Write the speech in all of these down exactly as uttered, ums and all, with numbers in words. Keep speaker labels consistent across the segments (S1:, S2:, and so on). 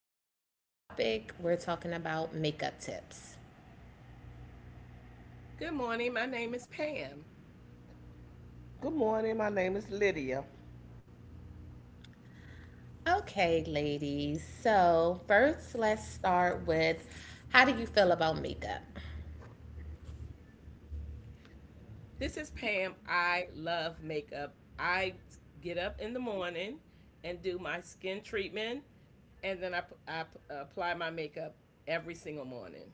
S1: today's topic we're talking about makeup tips.
S2: Good morning. My name is Pam.
S3: Good morning. My name is Lydia.
S1: Okay, ladies, so first let's start with how do you feel about makeup?
S2: This is Pam. I love makeup. I get up in the morning and do my skin treatment, and then I, p- I p- apply my makeup every single morning.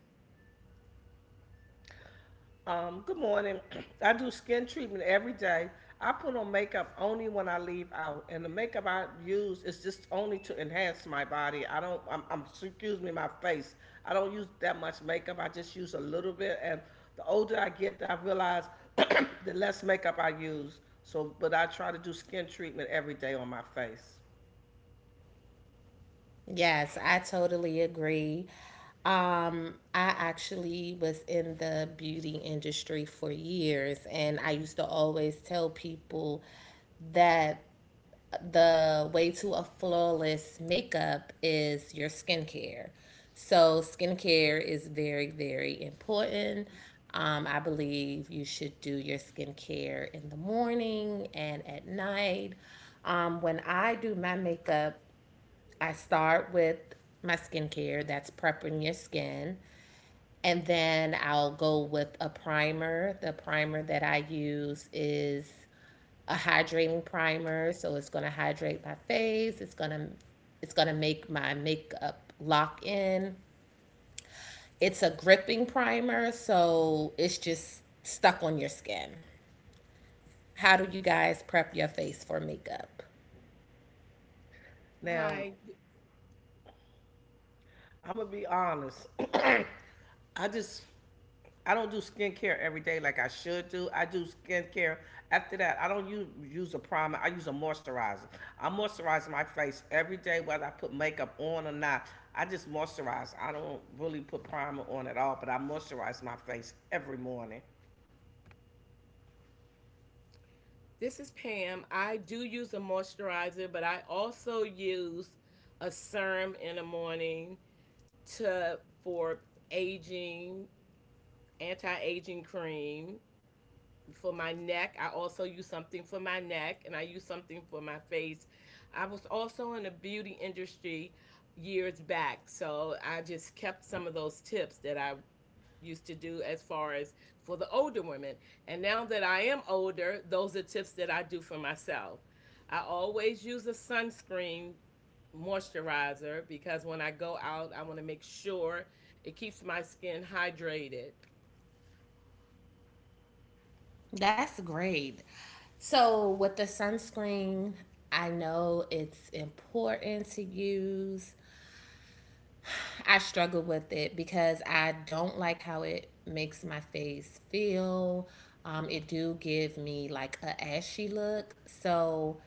S3: Um, good morning. I do skin treatment every day. I put on makeup only when I leave out, and the makeup I use is just only to enhance my body. I don't. I'm, I'm Excuse me, my face. I don't use that much makeup. I just use a little bit, and the older I get, I realize the less makeup I use. So, but I try to do skin treatment every day on my face.
S1: Yes, I totally agree. Um, I actually was in the beauty industry for years, and I used to always tell people that The way to a flawless makeup is your skincare. So, skincare is very, very important. Um, I believe you should do your skincare in the morning and at night. Um, when I do my makeup, I start with my skincare that's prepping your skin. And then I'll go with a primer. The primer that I use is a hydrating primer. So it's gonna hydrate my face. It's gonna it's gonna make my makeup lock in. It's a gripping primer, so it's just stuck on your skin. How do you guys prep your face for makeup?
S3: Now,
S2: Hi,
S3: I'm gonna be honest. I just I don't do skincare every day like I should do. I do skincare after that. I don't use, use a primer. I use a moisturizer. I moisturize my face every day, whether I put makeup on or not. I just moisturize. I don't really put primer on at all, but I moisturize my face every morning.
S2: this is Pam. I do use a moisturizer, but I also use a serum in the morning to for aging, anti-aging cream, for my neck. I also use something for my neck and I use something for my face. I was also in the beauty industry years back, so I just kept some of those tips that I used to do as far as for the older women. And now that I am older, those are tips that I do for myself. I always use a sunscreen moisturizer because when I go out, I want to make sure it keeps my skin hydrated.
S1: That's great. So with the sunscreen, I know it's important to use I struggle with it because I don't like how it makes my face feel. Um, it do give me like a ashy look, so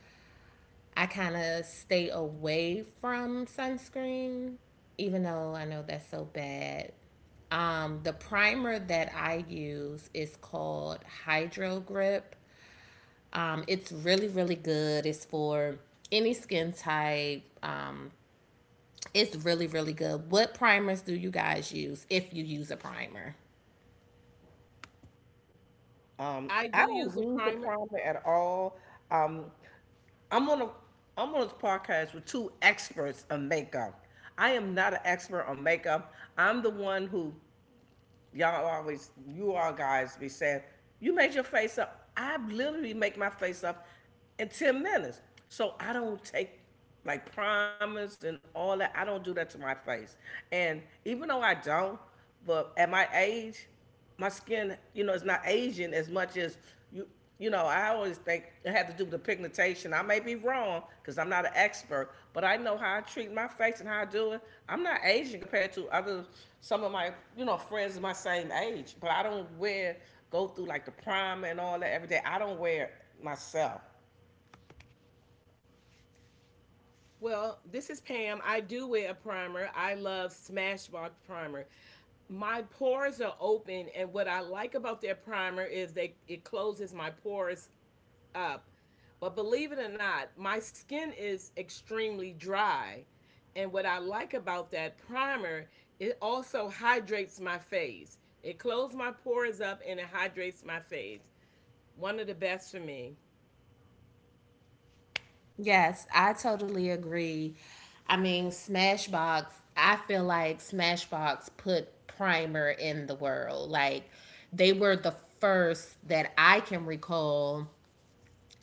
S1: I kind of stay away from sunscreen, even though I know that's so bad. Um, the primer that I use is called Hydro Grip. Um, it's really, really good. It's for any skin type, um, it's really, really good. What primers do you guys use if you use a primer?
S3: Um,
S2: I
S3: I
S2: do
S3: don't
S2: use a
S3: use the
S2: primer.
S3: primer at all. Um, I'm on a I'm on this podcast with two experts on makeup. I am not an expert on makeup. I'm the one who y'all always, you all guys be saying, you made your face up. I literally make my face up in ten minutes. So I don't take like primers and all that. I don't do that to my face. And even though I don't, but at my age, my skin, you know, it's not aging as much as you you you know, I always think it had to do with the pigmentation. I may be wrong because I'm not an expert, but I know how I treat my face and how I do it. I'm not Asian compared to other some of my you know friends of my same age, but I don't wear go through like the primer and all that every day. I don't wear it myself.
S2: Well, this is Pam. I do wear a primer. I love Smashbox primer. My pores are open, and what I like about their primer is they it closes my pores up. But believe it or not, my skin is extremely dry. And what I like about that primer, it also hydrates my face. It closes my pores up and it hydrates my face. One of the best for me.
S1: Yes, I totally agree. I mean, Smashbox, I feel like Smashbox put primer in the world. Like, they were the first that I can recall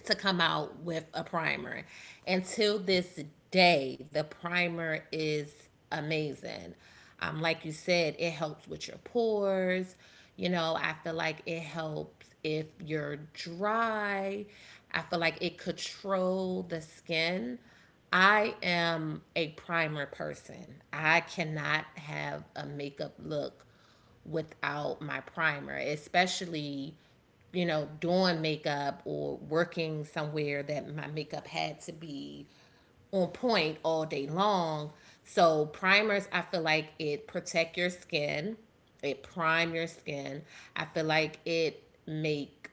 S1: to come out with a primer. Until this day, the primer is amazing. Um, like you said, it helps with your pores. You know, I feel like it helps if you're dry. I feel like it controls the skin. I am a primer person. I cannot have a makeup look without my primer, especially you know doing makeup or working somewhere that my makeup had to be on point all day long. So primers, I feel like it protect your skin, it prime your skin. I feel like it make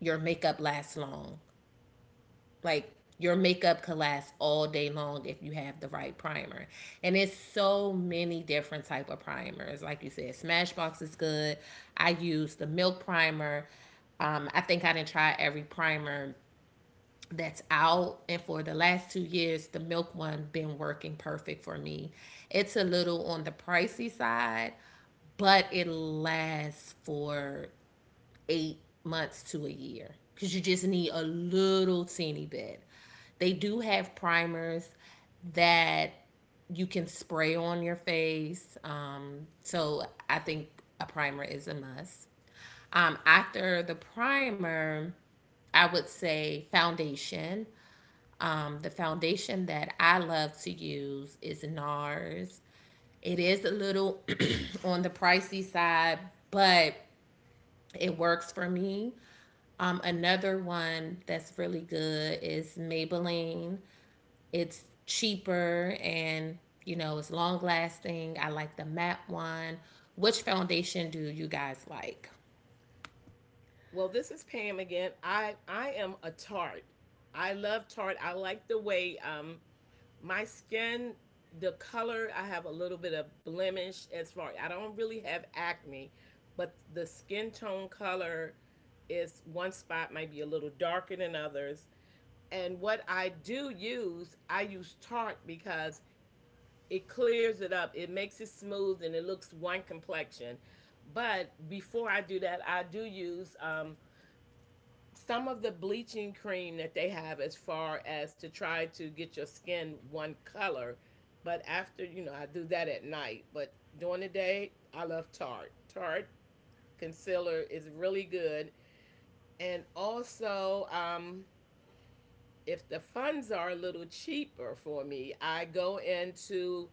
S1: your makeup last long. Like your makeup could last all day long if you have the right primer. And it's so many different type of primers. Like you said, Smashbox is good. I use the Milk primer. Um, I think I didn't try every primer that's out, and for the last two years the milk one been working perfect for me. It's a little on the pricey side, but it lasts for eight months to a year because you just need a little teeny bit. They do have primers that you can spray on your face. Um, so I think a primer is a must. Um, after the primer, I would say foundation. Um, the foundation that I love to use is NARS. It is a little on the pricey side, but it works for me. Um, another one that's really good is Maybelline. It's cheaper, and you know it's long lasting. I like the matte one. Which foundation do you guys like?
S2: Well, this is Pam again. I I am a tart. I love tart. I like the way um my skin, the color. I have a little bit of blemish as far. I don't really have acne, but the skin tone color is one spot might be a little darker than others. And what I do use, I use Tarte because it clears it up. It makes it smooth and it looks one complexion. But before I do that, I do use um, some of the bleaching cream that they have as far as to try to get your skin one color, but after, you know I do that at night, but during the day I love Tarte. Tarte concealer is really good. And also, um if the funds are a little cheaper for me, I go into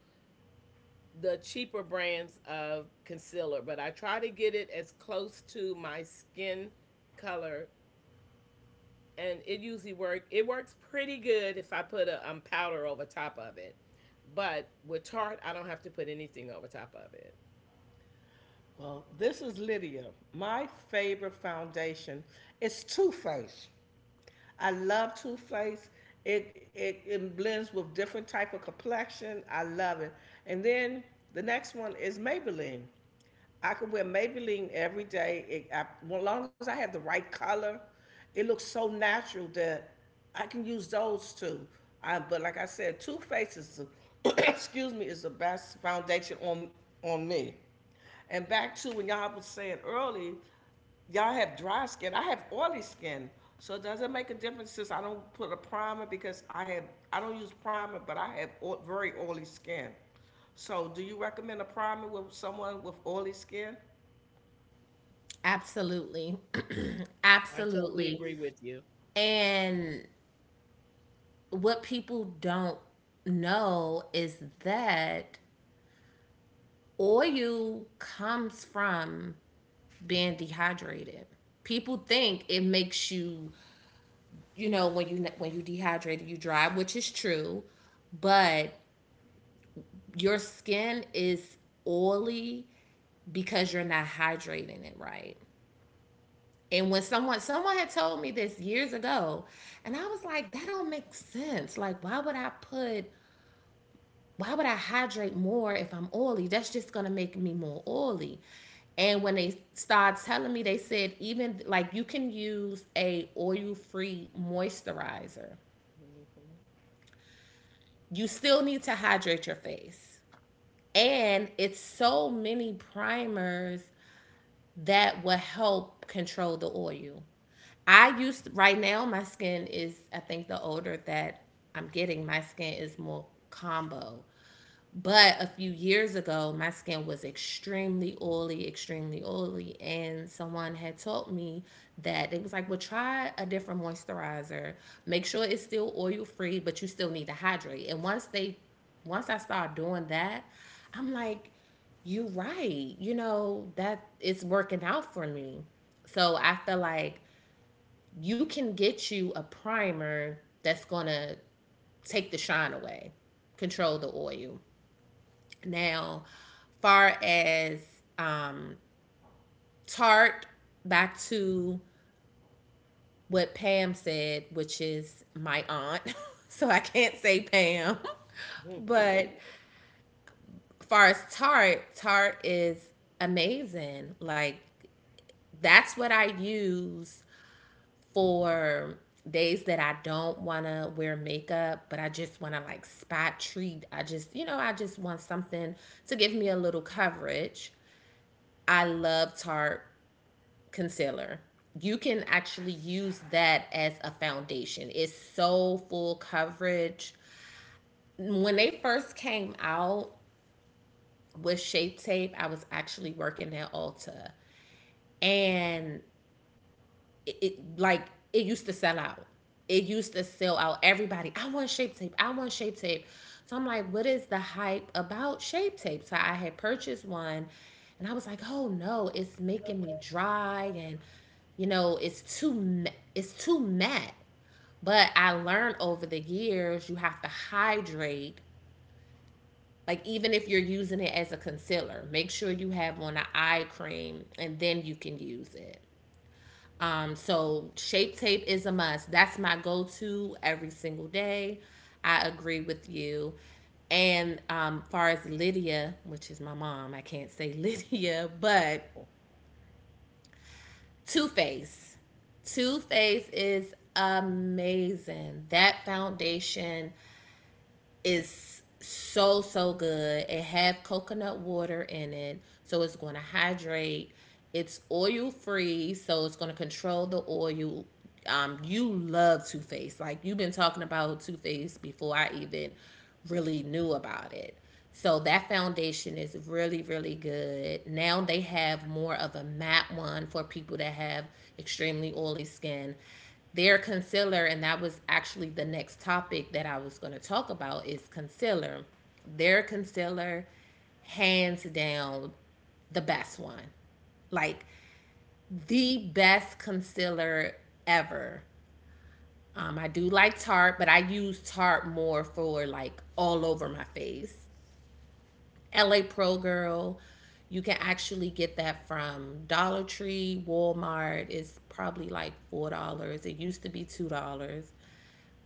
S2: the cheaper brands of concealer, but I try to get it as close to my skin color, and it usually work. It works pretty good if I put a um, powder over top of it, but with tart, I don't have to put anything over top of it.
S3: Well, this is Lydia. My favorite foundation is Too Faced. I love Too Faced. It, it it blends with different type of complexion. I love it. And then the next one is Maybelline. I could wear Maybelline every day. It, I, well, as long as I have the right color, it looks so natural that I can use those two. I, but like I said, Too Faced is the excuse me, is the best foundation on on me. And back to when y'all was saying early, y'all have dry skin. I have oily skin. So does it make a difference since I don't put a primer because I have I don't use primer, but I have o- very oily skin. So do you recommend a primer with someone with oily skin?
S1: Absolutely.
S2: I totally agree
S1: Absolutely.
S2: with you.
S1: And what people don't know is that oil comes from being dehydrated. People think it makes you you know when you when you dehydrate you dry, which is true, but your skin is oily because you're not hydrating it right. And when someone someone had told me this years ago, and I was like, that don't make sense. Like, why would i put why would i hydrate more if I'm oily? That's just gonna make me more oily. And when they started telling me, they said, even like, you can use a oil free moisturizer, you still need to hydrate your face. And it's so many primers that will help control the oil. I used to, right now my skin is, I think the older that I'm getting my skin is more combo. But a few years ago, my skin was extremely oily, extremely oily. And someone had told me that, it was like, well, try a different moisturizer. Make sure it's still oil free, but you still need to hydrate. And once they, once I started doing that, I'm like, you're right. You know, that it's working out for me. So I feel like you can get you a primer that's going to take the shine away, control the oil. Now, far as um, Tart, back to what Pam said, which is my aunt. So I can't say Pam. But
S2: Mhm.
S1: far as Tart, Tart is amazing. Like that's what I use for days that I don't want to wear makeup, but I just want to like spot treat. I just, you know, I just want something to give me a little coverage. I love Tarte concealer. You can actually use that as a foundation. It's so full coverage. When they first came out with Shape Tape, I was actually working at Ulta, and it, it like it used to sell out. It used to sell out. Everybody, I want shape tape. I want shape tape. So I'm like, what is the hype about shape tape? So I had purchased one, and I was like, oh no, it's making me dry, and you know, it's too it's too matte. But I learned over the years you have to hydrate. Like even if you're using it as a concealer, make sure you have on an eye cream and then you can use it. Um, so shape tape is a must. That's my go to every single day. I agree with you. And um, far as Lydia, which is my mom, I can't say Lydia, but Too Faced. Too Faced is amazing. That foundation is so so good. It have coconut water in it, so it's going to hydrate. It's oil free, so it's going to control the oil. Um, you love Too Faced. Like you've been talking about Too Faced before I even really knew about it. So that foundation is really, really good. Now they have more of a matte one for people that have extremely oily skin, their concealer, and that was actually the next topic that I was going to talk about is concealer. Their concealer, hands down, the best one. Like the best concealer ever. Um, I do like Tarte, but I use Tarte more for like all over my face. L A Pro Girl, you can actually get that from Dollar Tree, Walmart. It's probably like four dollars. It used to be two dollars.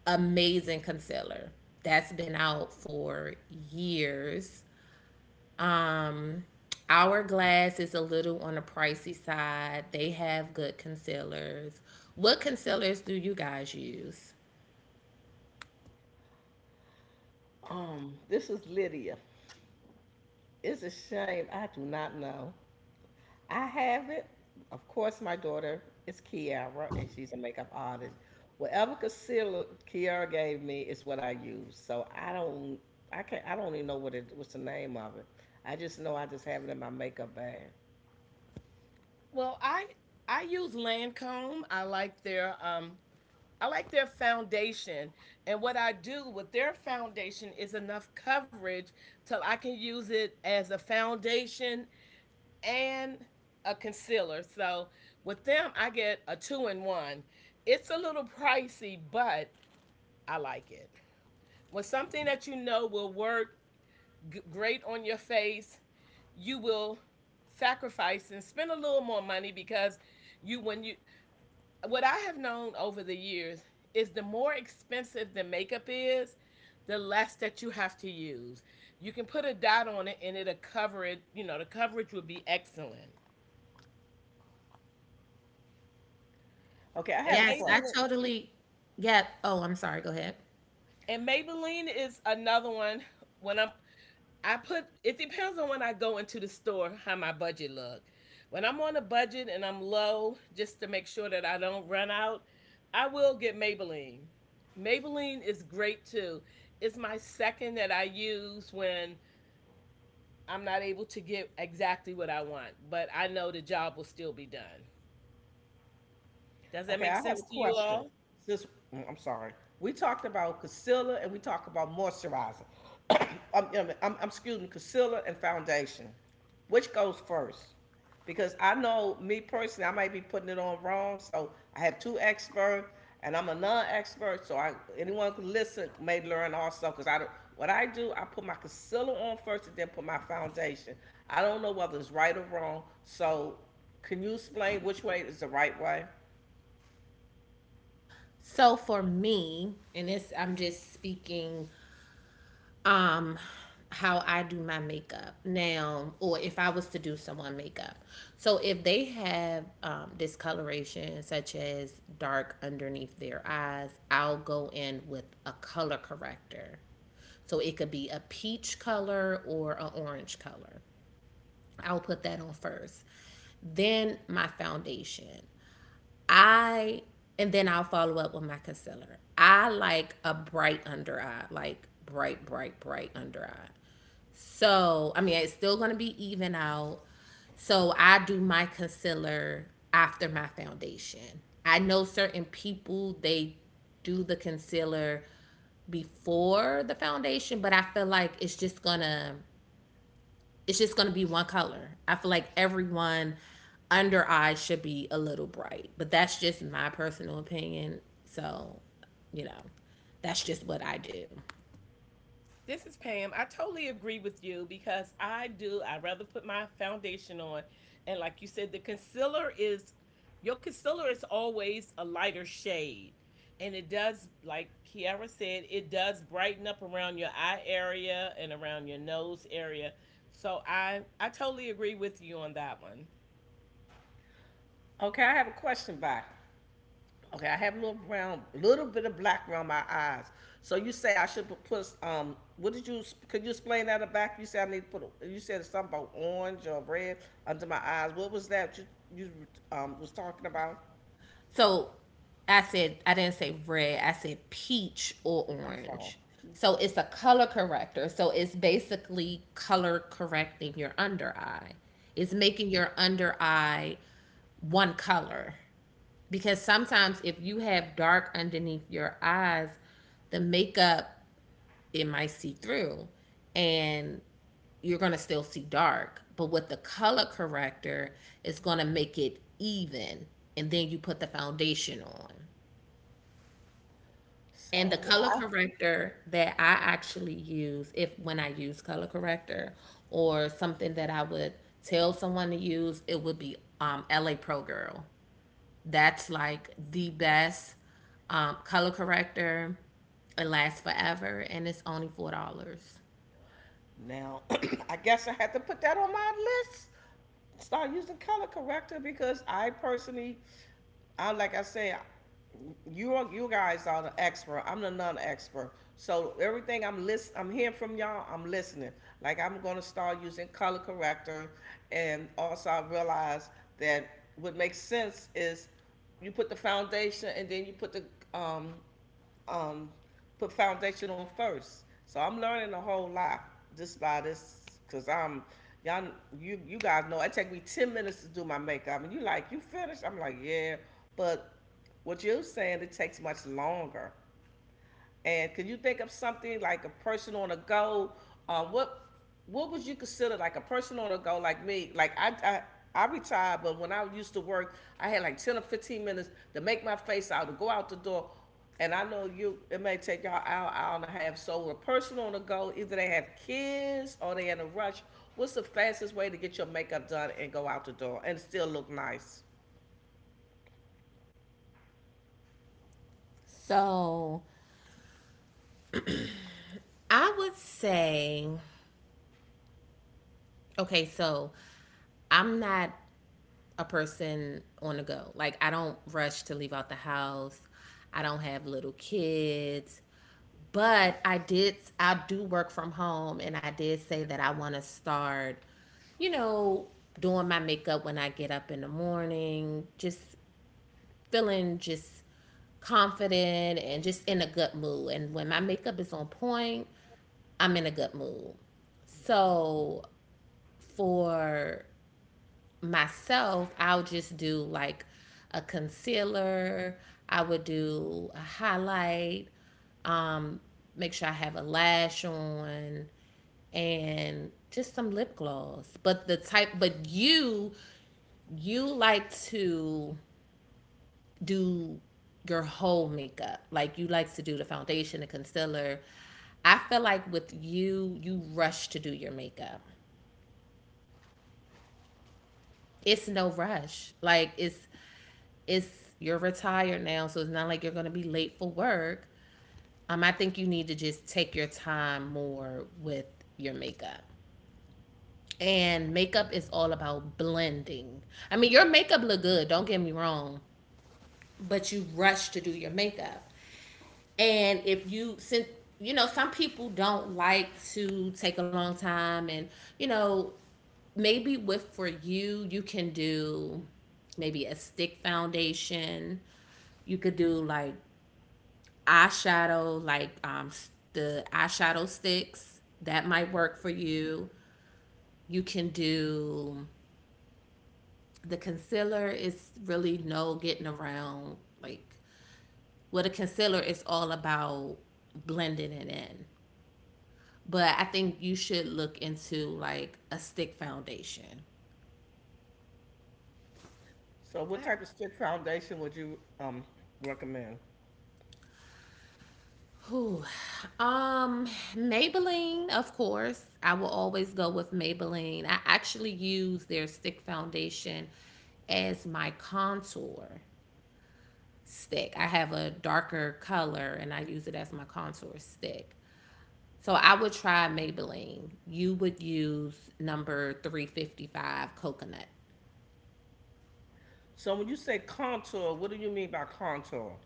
S1: Amazing concealer that's been out for years. Um, Hourglass is a little on the pricey side. They have good concealers. What concealers do you guys use?
S3: Um, this is Lydia. It's a shame I do not know. I have it. Of course, my daughter is Kiara, and she's a makeup artist. Whatever concealer Kiara gave me is what I use. So I don't, I can't, I don't even know what it, what's the name of it. I just know I just have it in my makeup bag.
S2: Well, I I use Lancome. I like their um I like their foundation. And what I do with their foundation is enough coverage till I can use it as a foundation and a concealer. So with them, I get a two in one. It's a little pricey, but I like it. With something that you know will work great on your face, you will sacrifice and spend a little more money because you, when you, what I have known over the years is the more expensive the makeup is, the less that you have to use. You can put a dot on it and it'll cover it, you know, The coverage would be excellent.
S3: Okay, I
S2: And
S3: have a
S1: Yes,
S2: maybe
S1: I
S3: question.
S1: totally. Yeah. Oh, I'm sorry. Go ahead.
S2: And Maybelline is another one. When I'm, I put, It depends on when I go into the store, how my budget look. When I'm on a budget and I'm low, just to make sure that I don't run out, I will get Maybelline. Maybelline is great too. It's my second that I use when I'm not able to get exactly what I want, but I know the job will still be done. Does that
S3: Okay,
S2: make
S3: I have
S2: sense
S3: a
S2: to you
S3: question.
S2: all?
S3: Since mm, I'm sorry, we talked about concealer and we talked about moisturizer. I'm, I'm, I'm, I'm- Excuse me, concealer and foundation. Which goes first? Because I know me personally, I might be putting it on wrong. So I have two experts, and I'm a non-expert. So I anyone can listen may learn also. Because I don't. What I do, I put my concealer on first, and then put my foundation. I don't know whether it's right or wrong. So can you explain which way is the right way?
S1: So for me, and this, I'm just speaking um how I do my makeup now, or if I was to do someone makeup. So if they have um discoloration such as dark underneath their eyes, I'll go in with a color corrector. So it could be a peach color or an orange color. I'll put that on first. Then my foundation. I and then I'll follow up with my concealer. I like a bright under eye, like bright, bright, bright under eye. So, I mean, it's still going to be even out. So, I do my concealer after my foundation. I know certain people, they do the concealer before the foundation, but I feel like it's just going to it's just going to be one color. I feel like everyone under eye should be a little bright, but that's just my personal opinion. So, you know, that's just what I do.
S2: This is Pam. I totally agree with you because I do. I rather put my foundation on, and like you said, the concealer is your concealer is always a lighter shade, and it does, like Kiara said, it does brighten up around your eye area and around your nose area. So I I totally agree with you on that one.
S3: Okay, I have a question, By Okay, I have a little brown, little bit of black around my eyes. So you say I should put- um. What did you? Could you explain that or back? You said I need to put. a- You said something about orange or red under my eyes. What was that you you um was talking about?
S1: So I said I didn't say red. I said peach or
S3: I'm sorry.
S1: orange. So it's a color corrector. So it's basically color correcting your under eye. It's making your under eye one color, because sometimes if you have dark underneath your eyes, the makeup, it might see through, and you're going to still see dark. But with the color corrector, it's going to make it even. And then you put the foundation on. And the
S3: So
S1: color corrector that I actually use, if when I use color corrector or something that I would tell someone to use, it would be um, L A Pro Girl. That's like the best um, color corrector. It lasts forever, and it's only four dollars.
S3: now, I guess I had to put that on my list. Start using color corrector because I personally, I like I said, you are, you guys are the expert. I'm the non-expert. So everything I'm list, I'm hearing from y'all. I'm listening. Like I'm gonna start using color corrector, and also I realized that what makes sense is you put the foundation and then you put the um, um, put foundation on first. So I'm learning a whole lot just by this, cause I'm y'all. You you guys know it take me ten minutes to do my makeup, and you like, you finished. I'm like, yeah, but what you're saying it takes much longer. And can you think of something like a person on a go? Uh, what what would you consider like a person on a go like me? Like I, I I retired, but when I used to work, I had like ten or fifteen minutes to make my face out to go out the door. And I know, you, it may take y'all hour, hour and a half. So a person on the go, either they have kids or they in a rush. What's the fastest way to get your makeup done and go out the door and still look nice?
S1: So I would say, okay, so I'm not a person on the go. Like, I don't rush to leave out the house. I don't have little kids. But I did, I do work from home, and I did say that I want to start, you know, doing my makeup when I get up in the morning, just feeling just confident and just in a good mood. And when my makeup is on point, I'm in a good mood. So for myself, I'll just do like a concealer. I would do a highlight, make sure I have a lash on, and just some lip gloss. But the type, but you, you like to do your whole makeup. Like you like to do the foundation, the concealer. I feel like with you, you rush to do your makeup. It's no rush. Like it's it's you're retired now, so it's not like you're gonna be late for work. Um, I think you need to just take your time more with your makeup. And makeup is all about blending. I mean, your makeup look good, don't get me wrong, but you rush to do your makeup. And if you since you know, some people don't like to take a long time and you know, maybe with for you, you can do maybe a stick foundation. You could do like eyeshadow, like um the eyeshadow sticks. That might work for you. You can do the concealer is really no getting around like well the concealer is all about blending it in. But I think you should look into like a stick foundation.
S3: So what
S2: I,
S3: type of stick foundation would you um recommend?
S1: Um, Maybelline, of course. I will always go with Maybelline. I actually use their stick foundation as my contour stick. I have a darker color and I use it as my contour stick. So I would try Maybelline. You would use number three fifty-five coconut.
S3: So when you say contour, what do you mean by contour?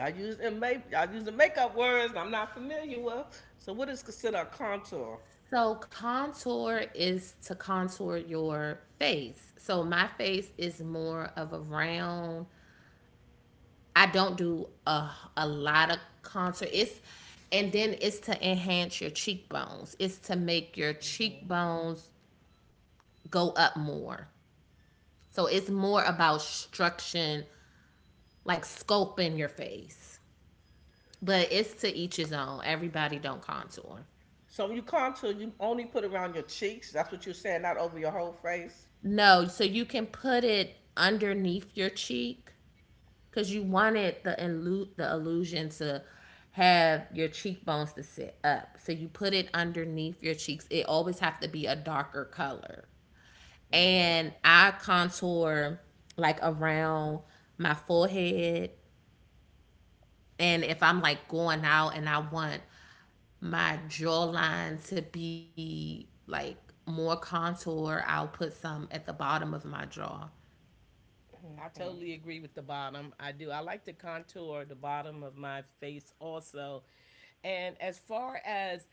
S3: I use in make I use the makeup words I'm not familiar with. So what is considered a contour?
S1: So contour is to contour your face. So my face is more of a round. I don't do a a lot of contour. It's and then it's to enhance your cheekbones. It's to make your cheekbones go up more. So it's more about structuring, like sculpting your face. But it's to each his own. Everybody don't contour.
S3: So when you contour, you only put around your cheeks. That's what you're saying, not over your whole face.
S1: No, so you can put it underneath your cheek because you wanted the illu- the illusion to have your cheekbones to sit up. So you put it underneath your cheeks. It always have to be a darker color. And I contour like around my forehead. And if I'm like going out and I want my jawline to be like more contour, I'll put some at the bottom of my jaw.
S2: I totally agree with the bottom. I do. I like to contour the bottom of my face also. And as far as,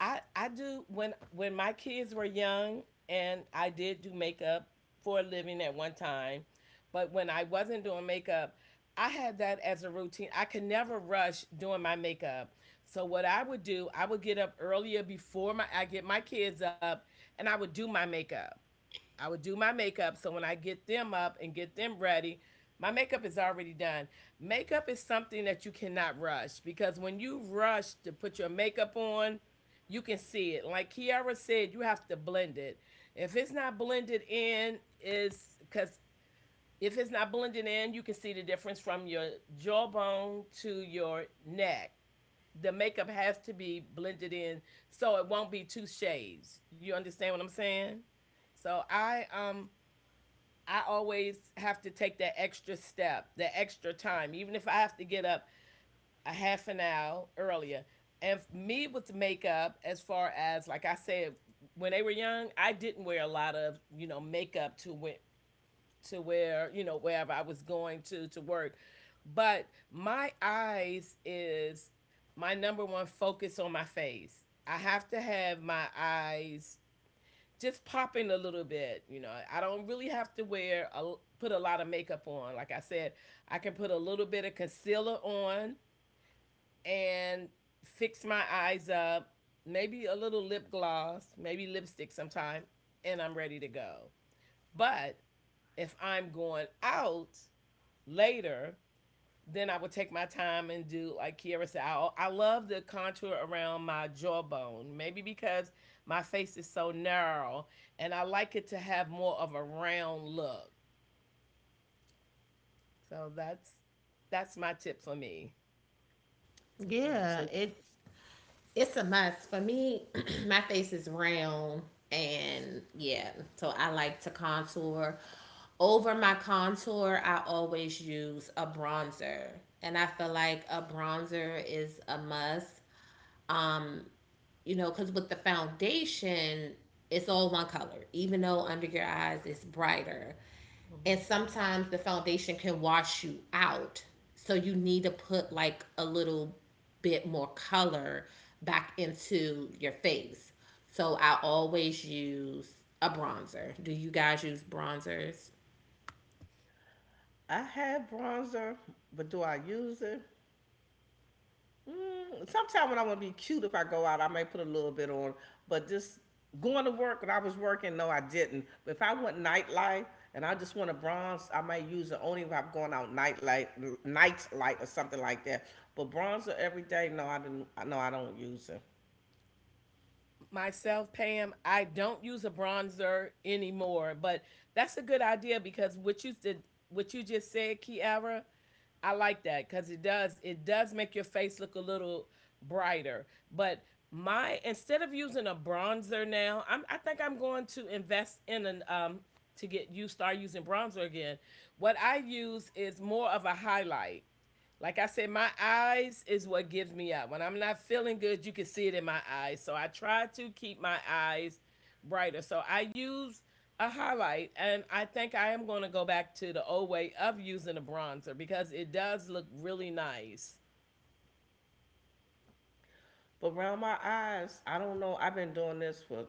S2: I I do when when my kids were young and I did do makeup for a living at one time, but when I wasn't doing makeup, I had that as a routine. I could never rush doing my makeup. So what I would do, I would get up earlier before my I get my kids up, and I would do my makeup. I would do my makeup. So when I get them up and get them ready, my makeup is already done. Makeup is something that you cannot rush because when you rush to put your makeup on, you can see it. Like Kiara said, you have to blend it. If it's not blended in, is because if it's not blended in, you can see the difference from your jawbone to your neck. The makeup has to be blended in so it won't be two shades. You understand what I'm saying? So I um I always have to take that extra step, the extra time, even if I have to get up a half an hour earlier. And me with makeup, as far as, like I said, when they were young, I didn't wear a lot of you know makeup to where, to where you know wherever I was going to to work, but my eyes is my number one focus on my face. I have to have my eyes just popping a little bit. You know, I don't really have to wear a put a lot of makeup on. Like I said, I can put a little bit of concealer on and fix my eyes up, maybe a little lip gloss, maybe lipstick sometime, and I'm ready to go. But if I'm going out later, then I would take my time and do like Kiara said. I, I love the contour around my jawbone, maybe because my face is so narrow, and I like it to have more of a round look. So that's that's my tip for me.
S1: Yeah,
S3: So
S1: it it's a must. For me, my face is round and yeah, so I like to contour. Over my contour, I always use a bronzer. And I feel like a bronzer is a must. Um you know, because with the foundation, it's all one color, even though under your eyes it's brighter. And
S2: Mm-hmm.
S1: sometimes the foundation can wash you out. So you need to put like a little bit more color back into your face. So I always use a bronzer. Do you guys use bronzers?
S3: I have bronzer, but do I use it? Mm, sometimes when I want to be cute, if I go out, I may put a little bit on. But just going to work when I was working, no, I didn't. But if I want nightlife and I just want a bronze, I might use it only if I'm going out nightlight, night light or something like that. But bronzer every day, no, I didn't. No, I don't use it.
S2: Myself, Pam, I don't use a bronzer anymore, but that's a good idea because what you did, what you just said, Kiara, I like that because it does it does make your face look a little brighter. But my instead of using a bronzer now, I'm I think I'm going to invest in an um to get you start using bronzer again. What I use is more of a highlight. Like I said, my eyes is what gives me up. When I'm not feeling good, you can see it in my eyes. So I try to keep my eyes brighter. So I use a highlight, and I think I am going to go back to the old way of using a bronzer because it does look really nice.
S3: But around my eyes, I don't know. I've been doing this for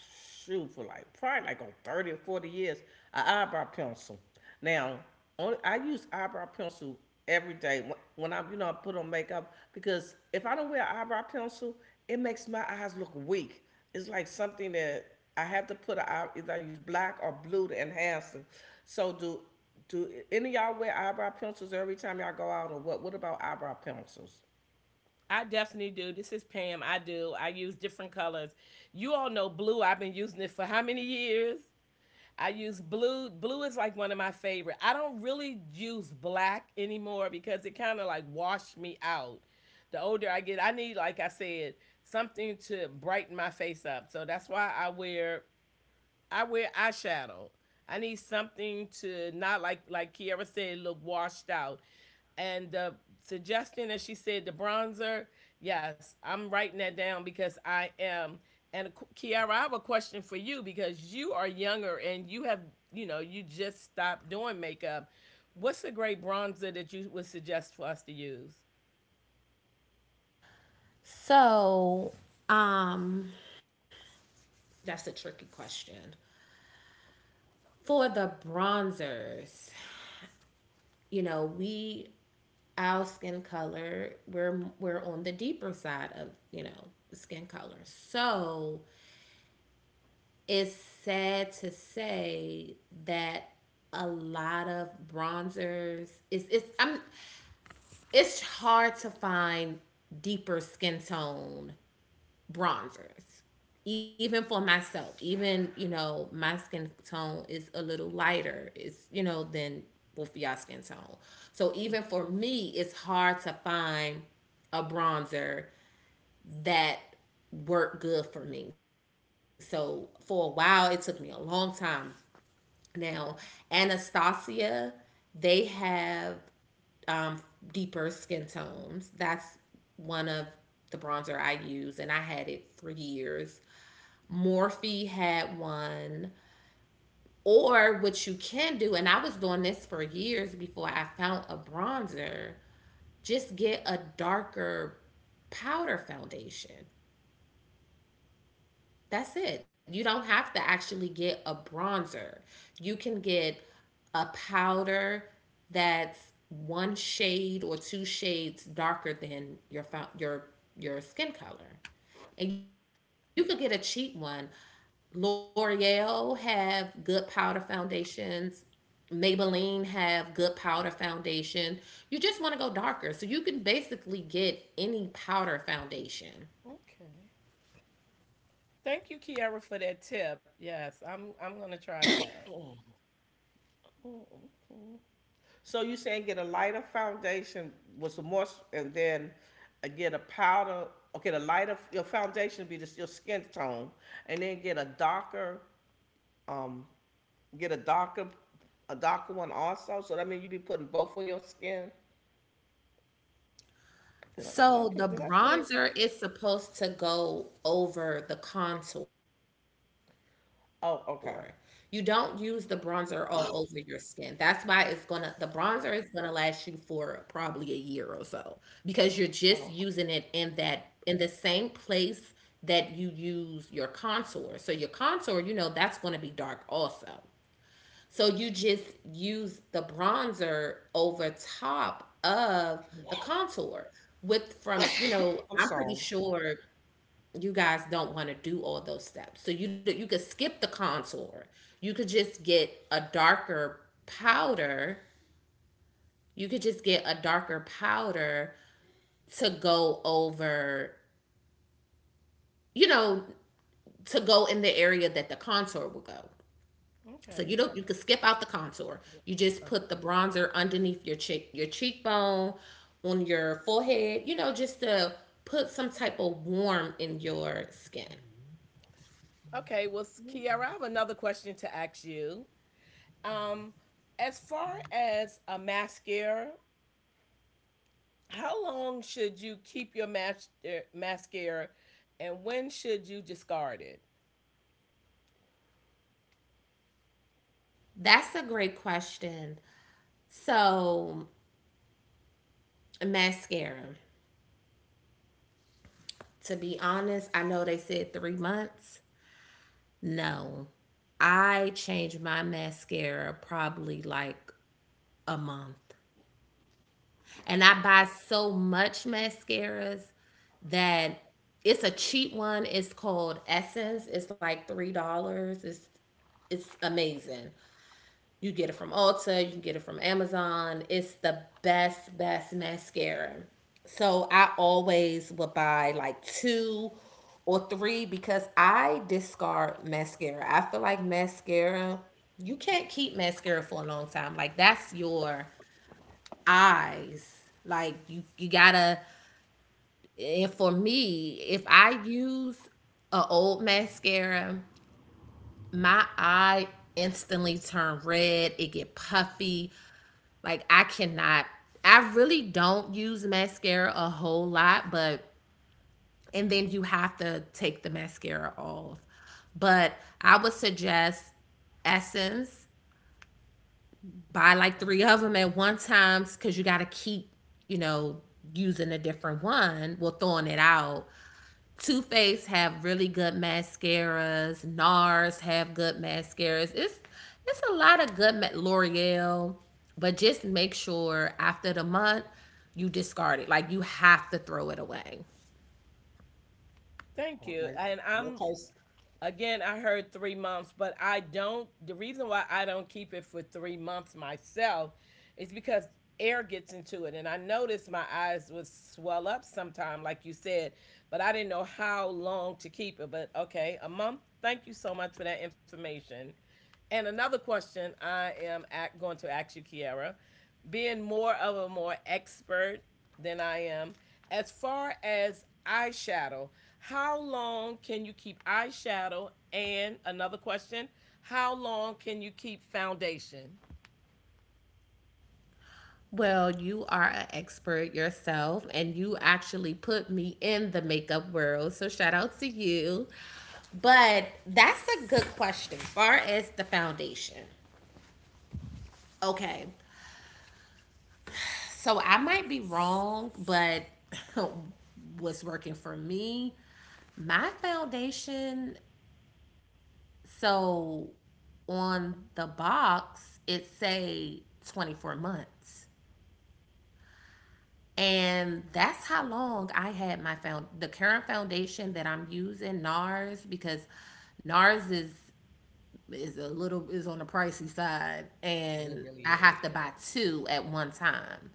S3: shoot for like probably like on thirty or forty years. An eyebrow pencil. Now, on, I use eyebrow pencil every day when, when I you know I put on makeup because if I don't wear an eyebrow pencil, it makes my eyes look weak. It's like something that I have to put. A, eye- either I use black or blue to enhance them. So do do any of y'all wear eyebrow pencils every time y'all go out or what? What about eyebrow pencils?
S2: I definitely do. This is Pam. I do. I use different colors. You all know blue. I've been using it for how many years? I use blue. Blue is like one of my favorite. I don't really use black anymore because it kind of like washed me out. The older I get, I need, like I said, something to brighten my face up. So that's why I wear I wear eyeshadow. I need something to not like like Kiara said, look washed out. And the suggestion that she said, the bronzer. Yes, I'm writing that down because I am. And Kiara, I have a question for you because you are younger and you have, you know, you just stopped doing makeup. What's a great bronzer that you would suggest for us to use?
S1: So, Um, that's a tricky question. For the bronzers, you know, we our skin color, we're we're on the deeper side of, you know, the skin color. So, it's sad to say that a lot of bronzers it's it's I'm it's hard to find deeper skin tone bronzers, even for myself. Even, you know, my skin tone is a little lighter, it's, you know, than both y'all skin tone. So even for me it's hard to find a bronzer that worked good for me. So for a while, it took me a long time. Now Anastasia, they have um, deeper skin tones. That's one of the bronzer I use, and I had it for years. Morphe had one. Or what you can do, and I was doing this for years before I found a bronzer, just get a darker powder foundation. That's it. You don't have to actually get a bronzer. You can get a powder that's one shade or two shades darker than your your your skin color. And you could get a cheap one. L'Oreal have good powder foundations. Maybelline have good powder foundation. You just want to go darker. So you can basically get any powder foundation.
S2: Okay. Thank you, Kiara, for that tip. Yes, I'm I'm gonna try that.
S3: So you saying get a lighter foundation with some more, and then uh, get a powder. Okay, the lighter your foundation be just your skin tone, and then get a darker, um, get a darker, a darker one also. So that means you be putting both on your skin. Did I, did I
S1: So the
S3: put did I put it
S1: bronzer
S3: right?
S1: is supposed to go over the contour. You don't use the
S3: Oh,
S1: bronzer
S3: okay.
S1: all over your skin. That's why it's gonna, the bronzer is gonna last you for probably a year or so, because you're just using it in
S3: Oh,
S1: that, in the same place that you use your contour. So your contour, you know, that's gonna be dark also. So you just use the bronzer over top of the contour with from, you know, I'm
S3: I'm
S1: pretty
S3: sorry.
S1: sure you guys don't want to do all those steps. So you do- you could skip the contour. You could just get a darker powder. You could just get a darker powder to go over, you know, to go in the area that the contour will go. So
S2: Okay.
S1: you don't you can skip out the contour. You just put the
S2: Okay.
S1: bronzer underneath your cheek your cheekbone, on your forehead, you know, just to put some type of warmth in your skin.
S2: Okay, well, Kiara, I have another question to ask you. Um, as far as a mascara, how long should you keep your mas- er, mascara, and when should you discard it?
S1: That's a great question. So mascara. To be honest, I know they said three months. No. I change my mascara probably like a month. And I buy so much mascaras that it's a cheap one. It's called Essence. It's like three dollars. It's it's amazing. You get it from Ulta. You can get it from Amazon. It's the best best mascara. So I always would buy like two or three because I discard mascara. I feel like mascara, you can't keep mascara for a long time. Like that's your eyes. Like you you gotta, and for me, if I use a old mascara, my eye instantly turn red. It get puffy. Like I cannot. I really don't use mascara a whole lot, but and then you have to take the mascara off. But I would suggest Essence. Buy like three of them at one time because you got to keep, you know, using a different one. Well, throwing it out. Too Faced have really good mascaras. NARS have good mascaras. It's it's a lot of good L'Oreal, but just make sure after the month you discard it. Like you have to throw it away.
S2: Thank you. And I'm
S3: Okay,
S2: Again, I heard three months, but I don't. The reason why I don't keep it for three months myself is because air gets into it. And I noticed my eyes would swell up sometime, like you said, but I didn't know how long to keep it. But okay, a month. Thank you so much for that information. And another question I am at, going to ask you, Kiara, being more of a more expert than I am. As far as eyeshadow, how long can you keep eyeshadow? And another question, how long can you keep foundation?
S1: Well, you are an expert yourself, and you actually put me in the makeup world. So shout out to you. But that's a good question. As far as the foundation, okay. So I might be wrong, but what's working for me, my foundation, so on the box it say twenty-four months. And that's how long I had my found the current foundation that I'm using, NARS, because NARS is is a little is on the pricey side,
S2: It
S1: and I
S2: really
S1: have
S2: is.
S1: to buy
S2: Yeah.
S1: two at one time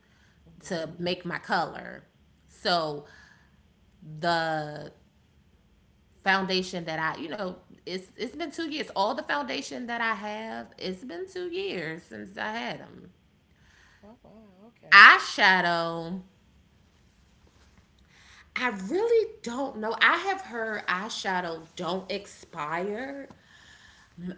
S1: to
S2: Hmm.
S1: make my color. So the foundation that I, you know, it's it's been two years. All the foundation that I have, it's been two years since I had them.
S2: Oh, wow. Okay.
S1: Eyeshadow, I really don't know. I have heard eyeshadow don't expire.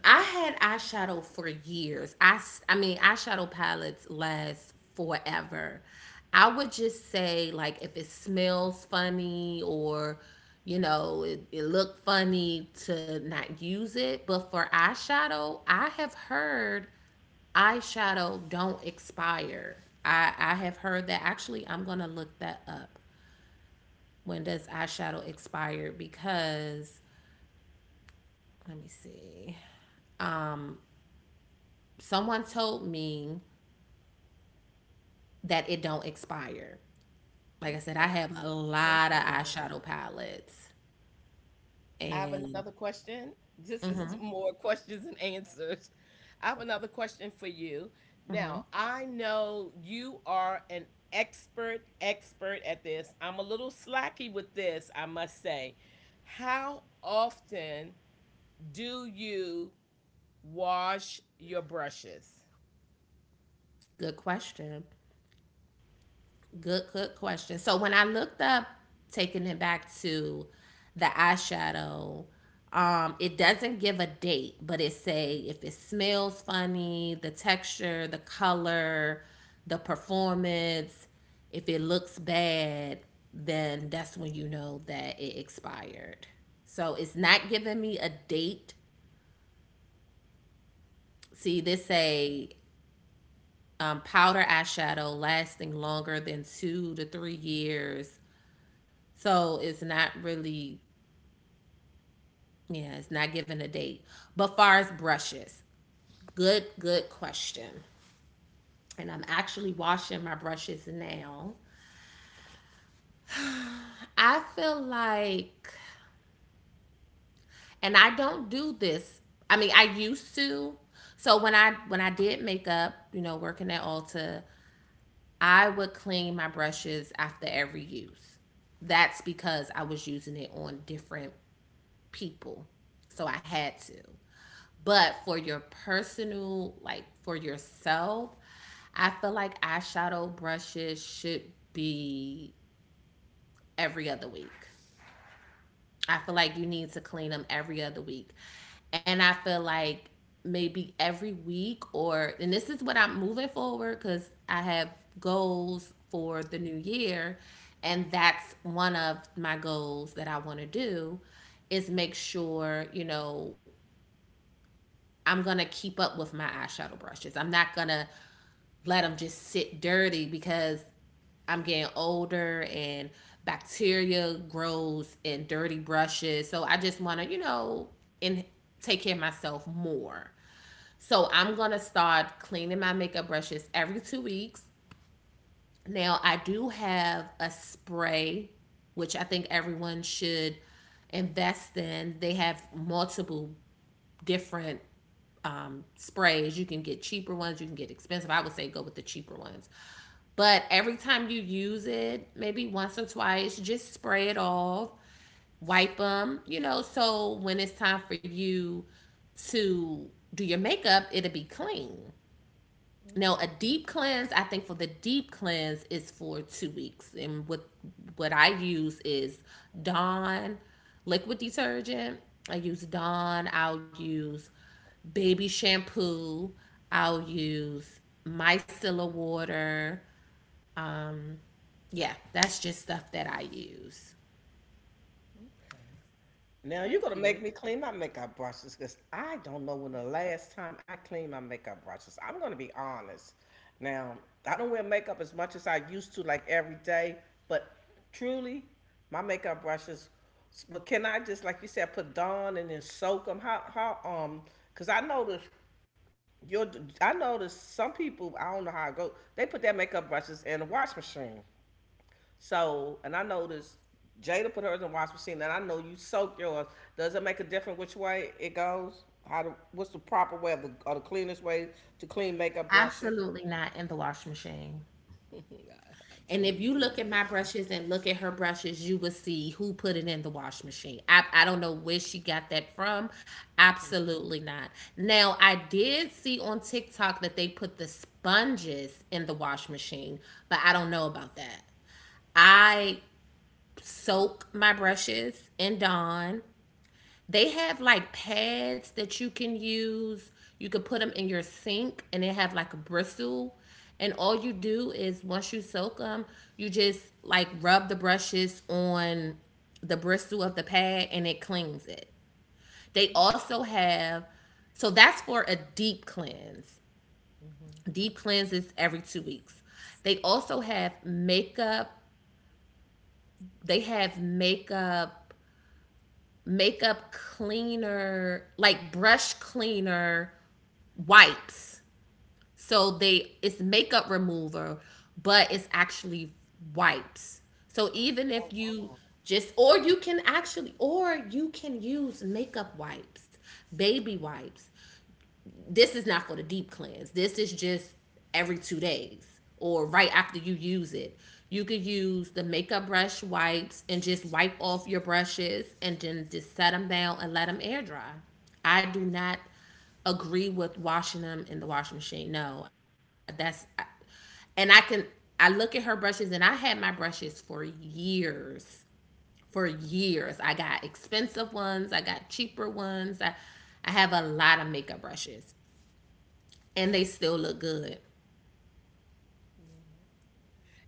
S1: I had eyeshadow for years. I I mean, eyeshadow palettes last forever. I would just say, like, if it smells funny or, you know, it, it looked funny, to not use it. But for eyeshadow, I have heard eyeshadow don't expire. I, I have heard that. Actually, I'm going to look that up. When does eyeshadow expire? Because, let me see. Someone told me that it don't expire. Like I said, I
S2: Okay.
S1: have a
S2: Thank
S1: lot of
S2: you for that.
S1: eyeshadow palettes.
S2: I have
S1: And
S2: another question. This is, more questions and answers. I have another question for you. Now, I know you are an expert, expert at this. I'm a little slacky with this, I must say. How often do you wash your brushes?
S1: good question. Good, good question. So when I looked up taking it back to the eyeshadow, um, it doesn't give a date, but it say if it smells funny, the texture, the color, the performance, if it looks bad, then that's when you know that it expired. So it's not giving me a date. See, this say um, powder eyeshadow lasting longer than two to three years. So it's not really, yeah, it's not given a date. But far as brushes, good, good question. And I'm actually washing my brushes now. I feel like, and I don't do this. I mean, I used to. So when I when I did makeup, you know, working at Ulta, I would clean my brushes after every use. That's because I was using it on different people. So I had to. But for your personal, like for yourself, I feel like eyeshadow brushes should be every other week. I feel like you need to clean them every other week. And I feel like maybe every week, or and this is what I'm moving forward cuz I have goals for the new year, and that's one of my goals that I want to do is make sure, you know, I'm going to keep up with my eyeshadow brushes. I'm not going to let them just sit dirty because I'm getting older and bacteria grows in dirty brushes. So I just want to, you know, and take care of myself more. So I'm going to start cleaning my makeup brushes every two weeks. Now I do have a spray which I think everyone should invest in. They have multiple different um, sprays. You can get cheaper ones, you can get expensive. I would say go with the cheaper ones. But every time you use it, maybe once or twice, just spray it off, wipe them, you know, so when it's time for you to do your makeup, it'll be clean. Now, a
S2: Okay.
S1: deep cleanse, I think for the deep cleanse is for two weeks. And what what I use is Dawn liquid detergent. I use Dawn. I'll use baby shampoo. I'll use micellar water. Um, yeah, that's just stuff that I use.
S2: Okay.
S3: now you're gonna
S2: Thank
S3: make me
S2: you.
S3: clean my makeup brushes because I don't know when the last time I cleaned my makeup brushes. I'm gonna be honest. Now I don't wear makeup as much as I used to, like every day, but truly, my makeup brushes. But can I just, like you said, put Dawn and then soak them? How how um? Because I noticed your I noticed some people I don't know how it go. They put their makeup brushes in the wash machine. So, and I noticed Jada put hers in wash machine, and I know you soak yours. Does it make a difference which way it goes? How to, what's the proper way of the, or the cleanest way to clean makeup brushes?
S1: Absolutely not in the washing machine.
S2: I, I
S1: And if
S2: totally
S1: you look
S2: agree
S1: at
S2: with
S1: my
S2: that one.
S1: brushes and look at her brushes, you will see who put it in the wash machine. I, I don't know where she got that from. Absolutely not. Now, I did see on TikTok that they put the sponges in the wash machine, but I don't know about that. I soak my brushes in Dawn. They have like pads that you can use. You could put them in your sink and they have like a bristle. And all you do is once you soak them, you just like rub the brushes on the bristle of the pad and it cleans it. They also have, so that's for a deep cleanse.
S2: Mm-hmm.
S1: Deep cleanse is every two weeks. They also have makeup. They have makeup, makeup cleaner, like brush cleaner wipes. So they it's makeup remover, but it's actually wipes. So even if you just or you can actually or you can use makeup wipes, baby wipes, this is not for the deep cleanse. This is just every two days or right after you use it. You could use the makeup brush wipes and just wipe off your brushes and then just set them down and let them air dry. I do not agree with washing them in the washing machine. No, that's, and I can, I look at her brushes and I had my brushes for years. For years. I got expensive ones, I got cheaper ones. I I have a lot of makeup brushes and they still look good.
S2: Yeah.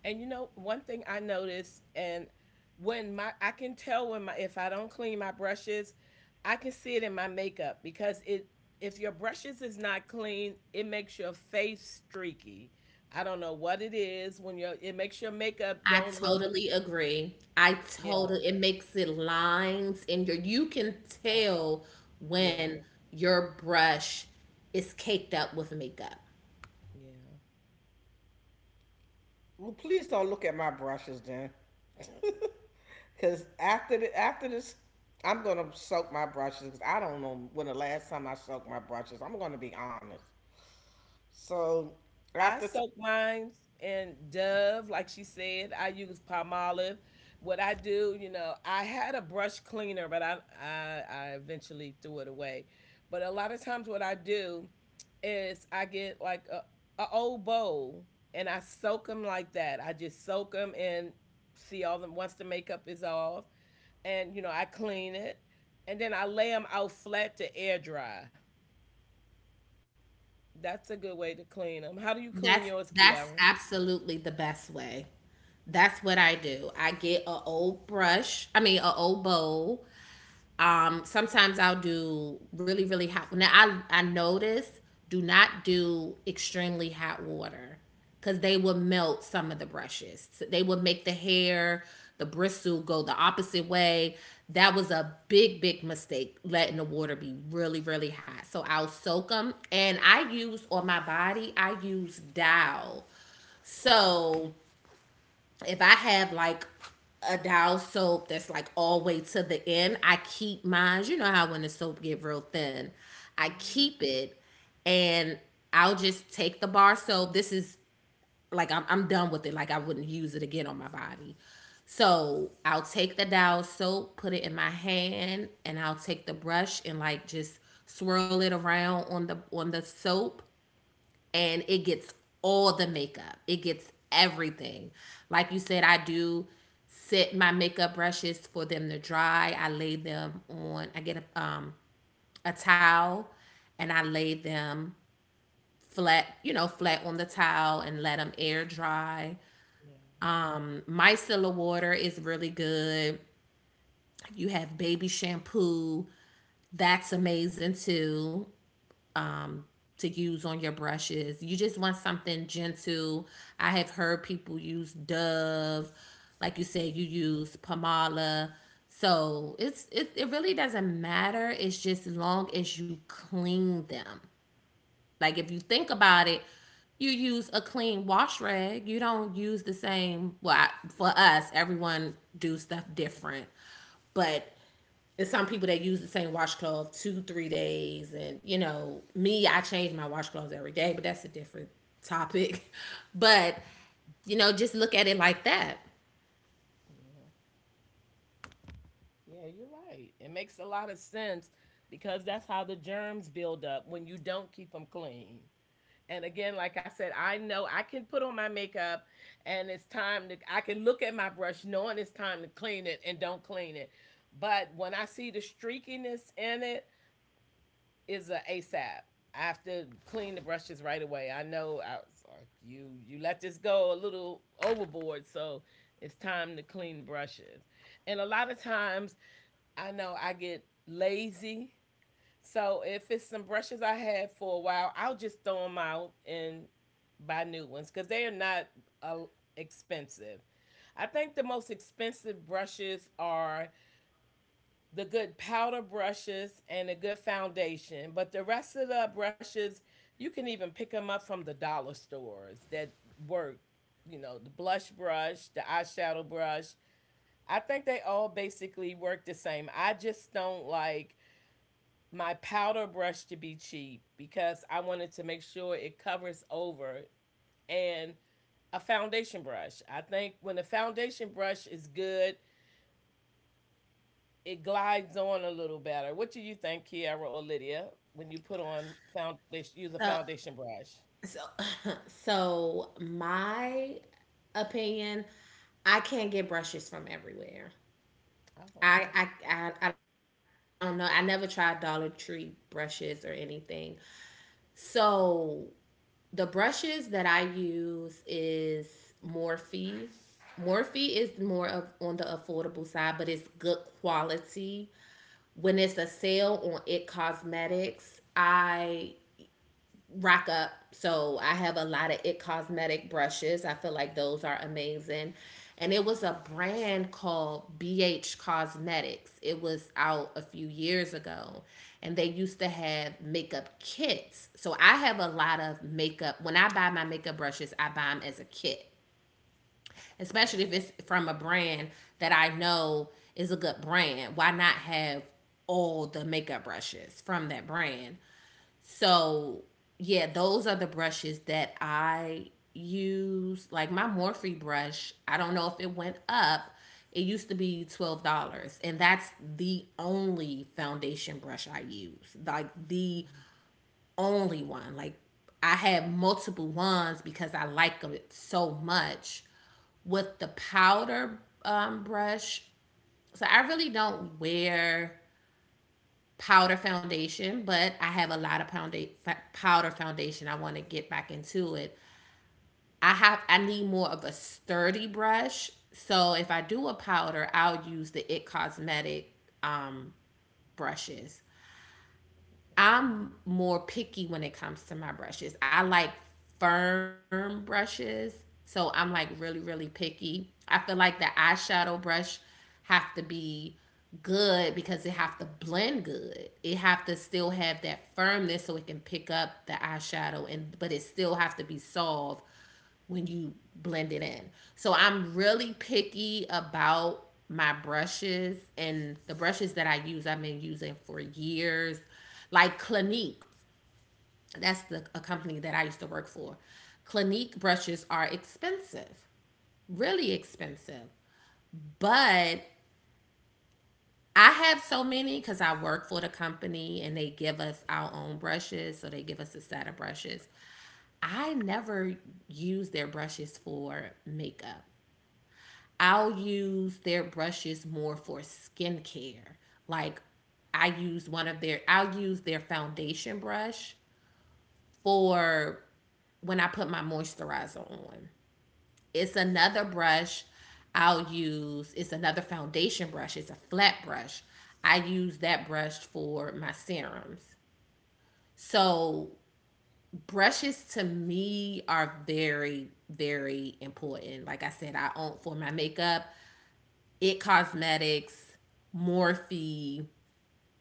S2: And you know, one thing I noticed, and when my I can tell when my if I don't clean my brushes, I can see it in my makeup because it if your brushes is not clean, it makes your face streaky. I don't know what it is when your it makes your makeup
S1: I
S2: don't look
S1: totally agree. I
S2: yeah,
S1: totally, it makes it lines and your you can
S2: I-
S1: tell
S2: yeah,
S1: when your brush is caked up with makeup.
S2: yeah.
S3: Well, please don't look at my brushes then, because after the, after this, I'm gonna soak my brushes because I don't know when the last time I soaked my brushes. I'm gonna be honest. So
S2: I
S3: after t-
S2: soak mine in Dove, like she said. I use palm olive. What I do, you know, I had a brush cleaner, but I, I I eventually threw it away. But a lot of times, what I do is I get like a, a old bowl and I soak them like that. I just soak them and see all them once the makeup is off, and you know, I clean it, and then I lay them out flat to air dry. That's a good way to clean them. How do you clean
S1: That's
S2: yours,
S1: that's
S2: Kiara?
S1: absolutely the best way. That's what I do. I get a old brush, I mean a old bowl. Um, sometimes I'll do really, really hot. Now I I notice do not do extremely hot water because they will melt some of the brushes. So they will make the hair, the bristle go the opposite way. That was a big, big mistake letting the water be really, really hot. So I'll soak them, and I use on my body. I use Dow. So if I have like a dial soap that's like all the way to the end, I keep mine. You know how when the soap get real thin, I
S2: Hmm.
S1: keep it, and I'll just take the bar soap. This is like I'm I'm done with it. Like I wouldn't use it again on my body. So I'll take the dial soap, put it in my hand, and I'll take the brush and like just swirl it around on the on the soap and it gets all the makeup. It gets everything. Like you said, I do set my makeup brushes for them to dry. I lay them on. I get a um a towel and I lay them flat, you know, flat on the towel and let them air dry.
S2: Yeah,
S1: Micellar water is really good. You have baby shampoo. That's amazing too. To use on your brushes, you just want something gentle. I have heard people use Dove, like you said, you use
S2: yeah,
S1: Pomala. So it's it, it really doesn't matter. It's just long as you clean them. Like if you think about it, you use a clean wash rag. You don't use the same. Well, I, for us, everyone do stuff different, but it's some people that use the same washcloth two, three days. And, you know, me, I change my washcloths every day, but that's a different topic. But, you know, just look at it like that.
S2: yeah. Yeah, you're right. It makes a lot of sense because that's how the germs build up when you don't keep them clean. And again, like I said, I know I can put on my makeup and it's time to, I can look at my brush knowing it's time to clean it and don't clean it. But when I see the streakiness in it, is a ASAP. I have to clean the brushes right away. I know I, was, like, you you let this go a little overboard, so it's time to clean the brushes. And a lot of times, I know I get lazy. So if it's some brushes I had for a while, I'll just throw them out and buy new ones because they are not uh, expensive. I think the most expensive brushes are the good powder brushes and a good foundation. But the rest of the brushes, you can even pick them up from the dollar stores that work. You know, the blush brush, the eyeshadow brush. I think they all basically work the same. I just don't like my powder brush to be cheap because I wanted to make sure it covers over and a foundation brush. I think when a foundation brush is good, it glides on a little better. What do you think, Kiara or Lydia, when you put on foundation, use a
S1: So,
S2: foundation brush?
S1: so, so my opinion, I can't get brushes from everywhere.
S2: Oh,
S1: I,
S2: okay,
S1: I, I, I don't know. I never tried Dollar Tree brushes or anything. So the brushes that I use is Morphe. Morphe is more of on the affordable side, but it's good quality. When it's a sale on It Cosmetics, I Rock Up. So I have a lot of It Cosmetic brushes. I feel like those are amazing. And it was a brand called B H Cosmetics. It was out a few years ago. And they used to have makeup kits. So I have a lot of makeup. When I buy my makeup brushes, I buy them as a kit,
S2: okay,
S1: especially if it's from a brand that I know is a good brand. Why not have all the makeup brushes from that brand? So yeah, those are the brushes that I use. Like my Morphe brush, I don't know if it went up. It used to be twelve dollars, and that's the only foundation brush I use. Like the only one. Like I had multiple ones because I like it so much. With the powder um, brush, so I really don't wear powder foundation, but I have a lot of pounda- powder foundation. I want to get back into it. I have, I need more of a sturdy brush. So if I do a powder, I'll use the It Cosmetic um, brushes.
S2: okay,
S1: I'm more picky when it comes to my brushes. I like firm brushes, so I'm like really really picky. I feel like the eyeshadow brush have to be good because it have to blend good. It have to still have that firmness so it can pick up the eyeshadow and but it still have to be soft when you blend it in. So I'm really picky about my brushes and the brushes that I use, I've been using for years. Like Clinique, that's the a company that I used to work for. Clinique brushes are expensive, really expensive. But I have so many because I work for the company and they give us our own brushes. So they give us a set of brushes. I never use their brushes for makeup. I'll use their brushes more for skincare. Like I use one of their, I'll use their foundation brush for when I put my moisturizer on. It's another brush I'll use. It's another foundation brush. It's a flat brush. I use that brush for my serums. So, brushes to me are very, very important. Like I said, I own for my makeup, It Cosmetics, Morphe,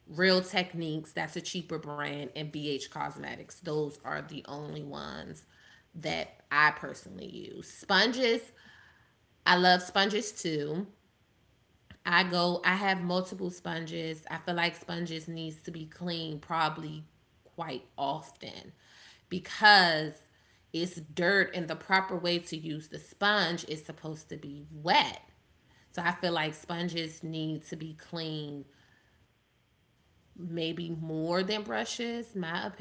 S1: Real Techniques, that's a cheaper brand, and B H Cosmetics. Those are the only ones that I personally use. Sponges, I love sponges too. I go, I have multiple sponges. I feel like sponges needs to be cleaned probably quite often because it's dirt and the proper way to use the sponge is supposed to be wet. So I feel like sponges need to be cleaned maybe more than brushes, my opinion.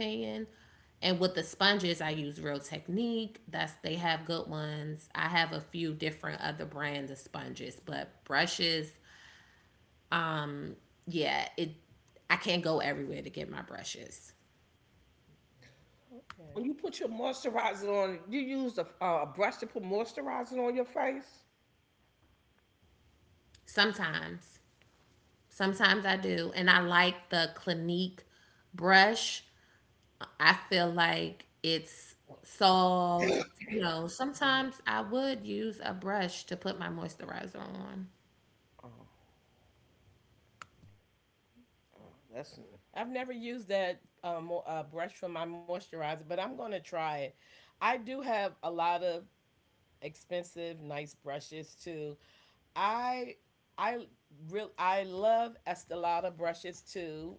S1: And with the
S2: okay.
S1: sponges, I use Real Technique. That's, they have good ones. I have a few different other brands of sponges, but brushes, um, yeah, it, I can't go everywhere to get my brushes.
S3: when
S2: Okay.
S3: you put your moisturizer on, you use a, a brush to put moisturizer on your face.
S1: Sometimes. Sometimes I do. And I like the Clinique brush. I feel like it's soft. You know, sometimes I would use a brush to put my moisturizer on.
S3: That's,
S2: I've never used that um, uh, brush for my moisturizer, but I'm gonna try it. I do have a lot of expensive, nice brushes too. I I real I love Estelada brushes too.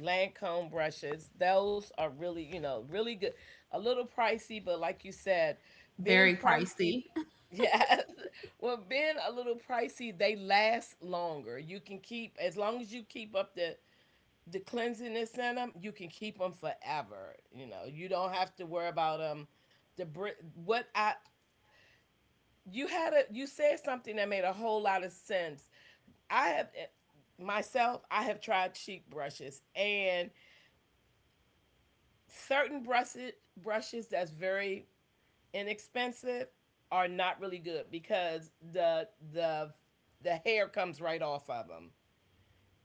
S2: Lancome brushes. Those are really, you know, really good. A little pricey, but like you said, being
S1: Very
S2: pricey,
S1: pricey.
S2: yeah. Well, being a little pricey, they last longer. You can keep as long as you keep up the the cleansiness in them. You can keep them forever. You know, you don't have to worry about them. The br- what I you had a you said something that made a whole lot of sense. I have eh, myself, I have tried cheek brushes and certain brushes brushes that's very inexpensive are not really good because the the the hair comes right off of them.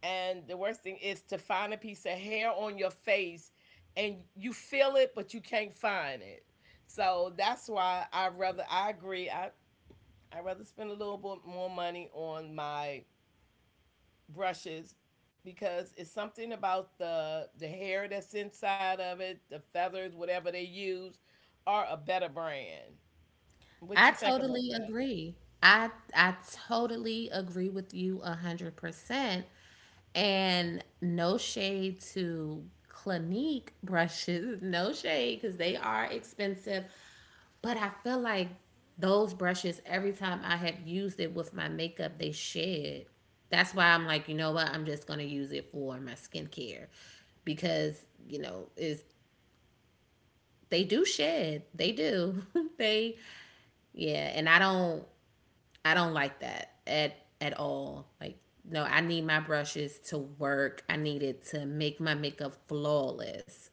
S2: And the worst thing is to find a piece of hair on your face and you feel it but you can't find it. So that's why I rather I agree I I rather spend a little bit more money on my brushes because it's something about the the hair that's inside of it, the feathers, whatever they use, are a better brand. What
S1: I
S2: you think about
S1: totally
S2: that?
S1: agree. I I totally agree with you a hundred percent. And no shade to Clinique brushes, no shade because they are expensive. But I feel like those brushes, every time I have used it with my makeup, they shed. That's why I'm like, you know what? I'm just gonna use it for my skincare because you know is they do shed. They do. they, yeah, and I don't I don't like that at at all. Like no, I need my brushes to work. I need it to make my makeup flawless.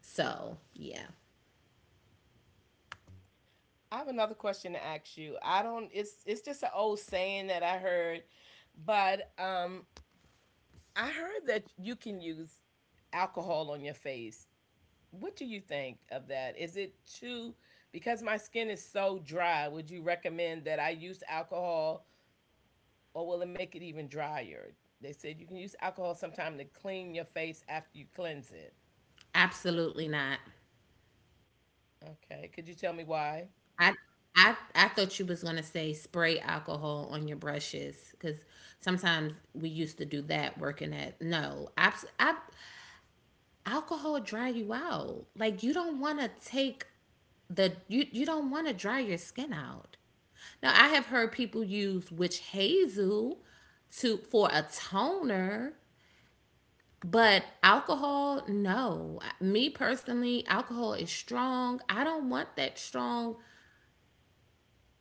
S1: So, yeah.
S2: I have another question to ask you. I don't. It's it's just an old saying that I heard, but um, I heard that you can use alcohol on your face. What do you think of that? Is it too because my skin is so dry? Would you recommend that I use alcohol or will it make it even drier? They said you can use alcohol sometime to clean your face after you cleanse it.
S1: Absolutely not.
S2: Okay, could you tell me why?
S1: I I I thought you was going to say spray alcohol on your brushes cuz sometimes we used to do that working at. No, abs- ab- alcohol dry you out. Like you don't want to take the, you you don't want to dry your skin out. Now I have heard people use witch hazel to for a toner, but alcohol no. Me personally, alcohol is strong. I don't want that strong,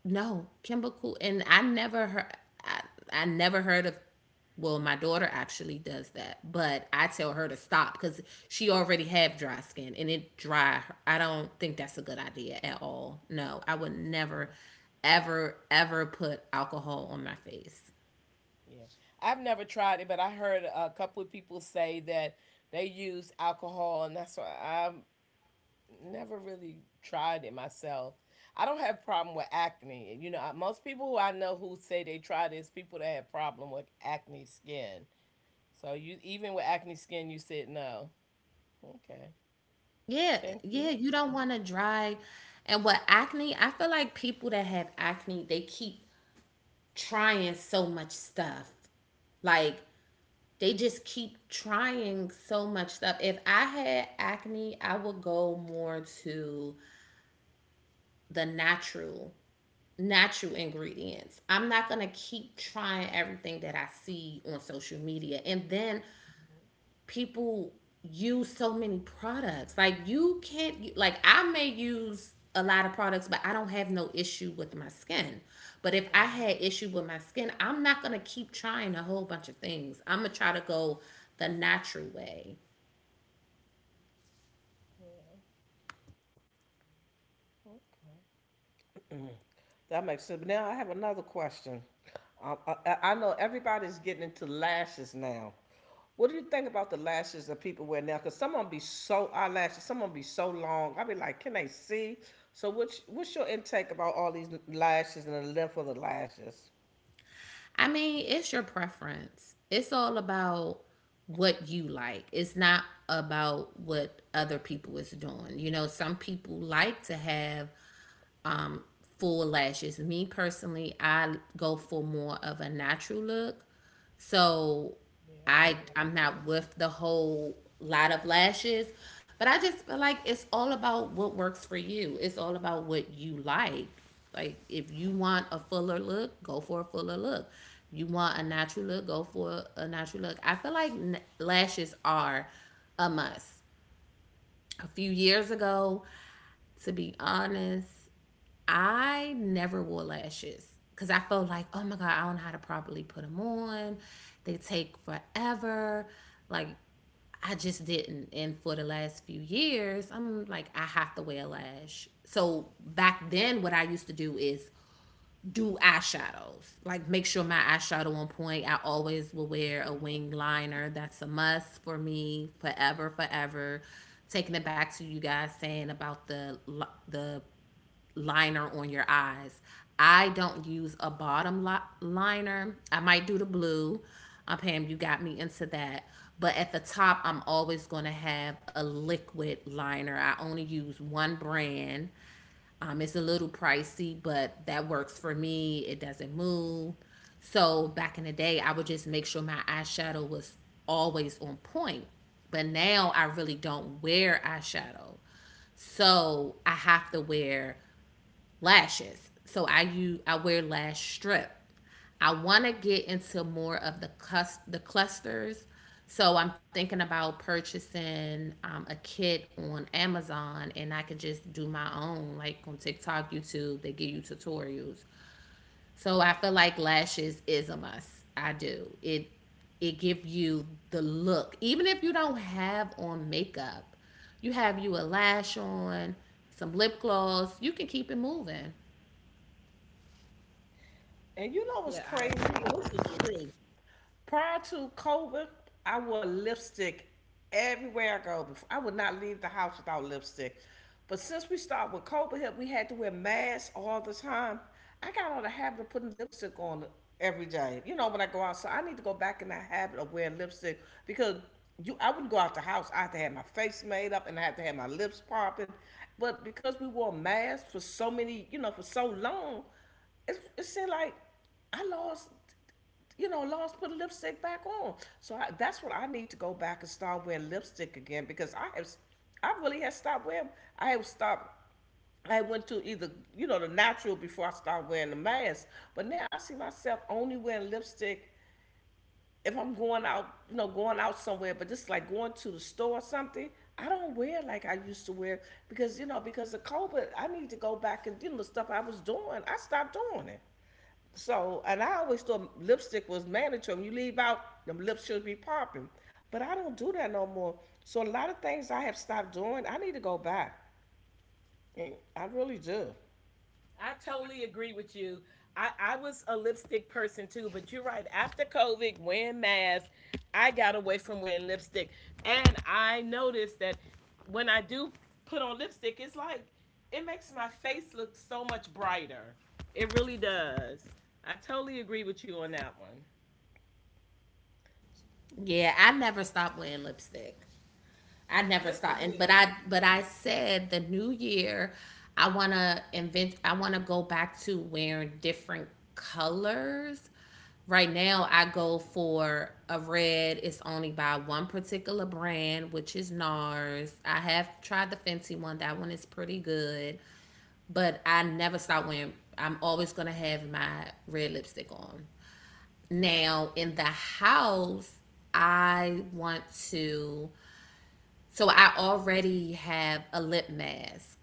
S1: no, chemical, and I never heard. I, I never heard of. Well, my daughter actually does that, but I tell her to stop because she already have dry skin and it dry her. I don't think that's a good idea at all. No, I would never,
S2: Okay.
S1: ever, ever put alcohol on my face.
S2: Yeah. I've never tried it, but I heard a couple of people say that they use alcohol, and that's why I'm never really tried it myself. I don't have a problem with acne. You know, most people who I know who say they tried it is people that have problem with acne skin. So you even with acne skin, you said no. Okay,
S1: Yeah,
S2: thank
S1: yeah,
S2: you.
S1: you don't want to dry. And with acne, I feel like people that have acne, they keep trying so much stuff. Like they just keep trying so much stuff. If I had acne, I would go more to the natural natural ingredients. I'm not going to keep trying everything that I see on social media. And then people use so many products. Like you can't like I may use a lot of products, but I don't have no issue with my skin. But if I
S2: Right.
S1: had issue with my skin, I'm not gonna keep trying a whole bunch of things. I'm gonna try to go the natural way.
S2: Yeah. Okay.
S3: that makes sense. But now I have another question. Um, I, I- know everybody's getting into lashes now. What do you think about the lashes that people wear now? Because some of them be so eyelashes, some of them be so long. I be like, can they see? So what's what's your intake about all these lashes and the length of the lashes?
S1: I mean, it's your preference. It's all about what you like. It's not about what other people is doing. You know, some people like to have um, full lashes. Me personally, I go for more of a natural look. So
S2: Yeah, I
S1: I I'm
S2: agree.
S1: not with the whole lot of lashes, but I just feel like it's all about what works for you. It's all about what you like. Like if you want a fuller look, go for a fuller look. You want a natural look, go for a natural look. I feel like n- lashes are a must. A few years ago, to be honest, I never wore lashes because I felt like, oh my God, I don't know how to properly put them on. They take forever. Like, I just didn't. And for the last few years, I'm like, I have to wear a lash. So back then, what I used to do is do eyeshadows, like make sure my eyeshadow on point. I always will wear a wing liner. That's a must for me forever, forever. Taking it back to you guys saying about the the liner on your eyes. I don't use a bottom li- liner. I might do the blue. Uh, Pam, you got me into that. But at the top, I'm always going to have a liquid liner. I only use one brand. Um, it's a little pricey, but that works for me. It doesn't move. So back in the day, I would just make sure my eyeshadow was always on point. But now I really don't wear eyeshadow. So I have to wear lashes. So I use I wear lash strip. I want to get into more of the cus- the clusters. So I'm thinking about purchasing um, a kit on Amazon, and I can just do my own, like on TikTok, YouTube. They give you tutorials. So I feel like lashes is a must. I do it. It give you the look, even if you don't have on makeup. You have you a lash on, some lip gloss. You can keep it moving.
S3: And you know what's
S2: Yeah, I
S3: crazy? And this is true. Prior to COVID, I wore lipstick everywhere I go. Before I would not leave the house without lipstick. But since we started with COVID, help, we had to wear masks all the time. I got on the habit of putting lipstick on every day. You know, when I go out, so I need to go back in that habit of wearing lipstick because you, I wouldn't go out the house. I had to have my face made up and I had to have my lips popping. But because we wore masks for so many, you know, for so long, it, it seemed like I lost, you know, lost put lipstick back on. So I, that's what I need to go back and start wearing lipstick again because I have, I really have stopped wearing. I have stopped. I went to either you know the natural before I started wearing the mask, but now I see myself only wearing lipstick if I'm going out, you know, going out somewhere, but just like going to the store or something, I don't wear like I used to wear because, you know, because of COVID, I need to go back and, you know, the stuff I was doing, I stopped doing it. So, and I always thought lipstick was mandatory. When you leave out, them lips should be popping. But I don't do that no more. So a lot of things I have stopped doing, I need to go back. And I really do.
S2: I totally agree with you. I, I was a lipstick person too, but you're right. After COVID, wearing masks, I got away from wearing lipstick. And I noticed that when I do put on lipstick, it's like it makes my face look so much brighter. It really does. I totally agree with you on that one.
S1: Yeah, I never stopped wearing lipstick. I never
S2: Good for
S1: stopped, and but
S2: you.
S1: I but I said the new year, I wanna invent. I wanna go back to wearing different colors. Right now, I go for a red. It's only by one particular brand, which is NARS. I have tried the Fenty one. That one is pretty good, but I never stop wearing. I'm always gonna have my red lipstick on. Now in the house, I want to. So I already have a lip mask.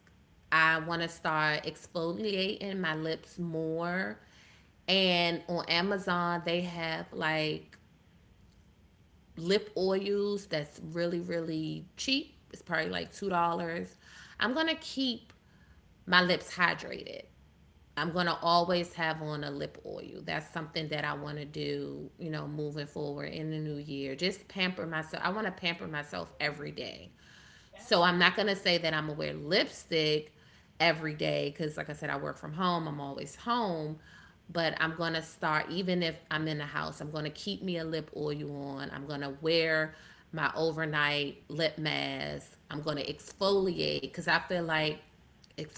S1: I want to start exfoliating my lips more. And on Amazon, they have like lip oils that's really, really cheap. It's probably like two dollars. I'm going to keep my lips hydrated. I'm going to always have on a lip oil. That's something that I want to do, you know, moving forward in the new year. Just pamper myself. I want to pamper myself every day. So I'm not
S2: Absolutely.
S1: going to say that I'm going to wear lipstick every day because, like I said, I work from home. I'm always home. But I'm going to start, even if I'm in the house, I'm going to keep me a lip oil on. I'm going to wear my overnight lip mask. I'm going to exfoliate because I feel like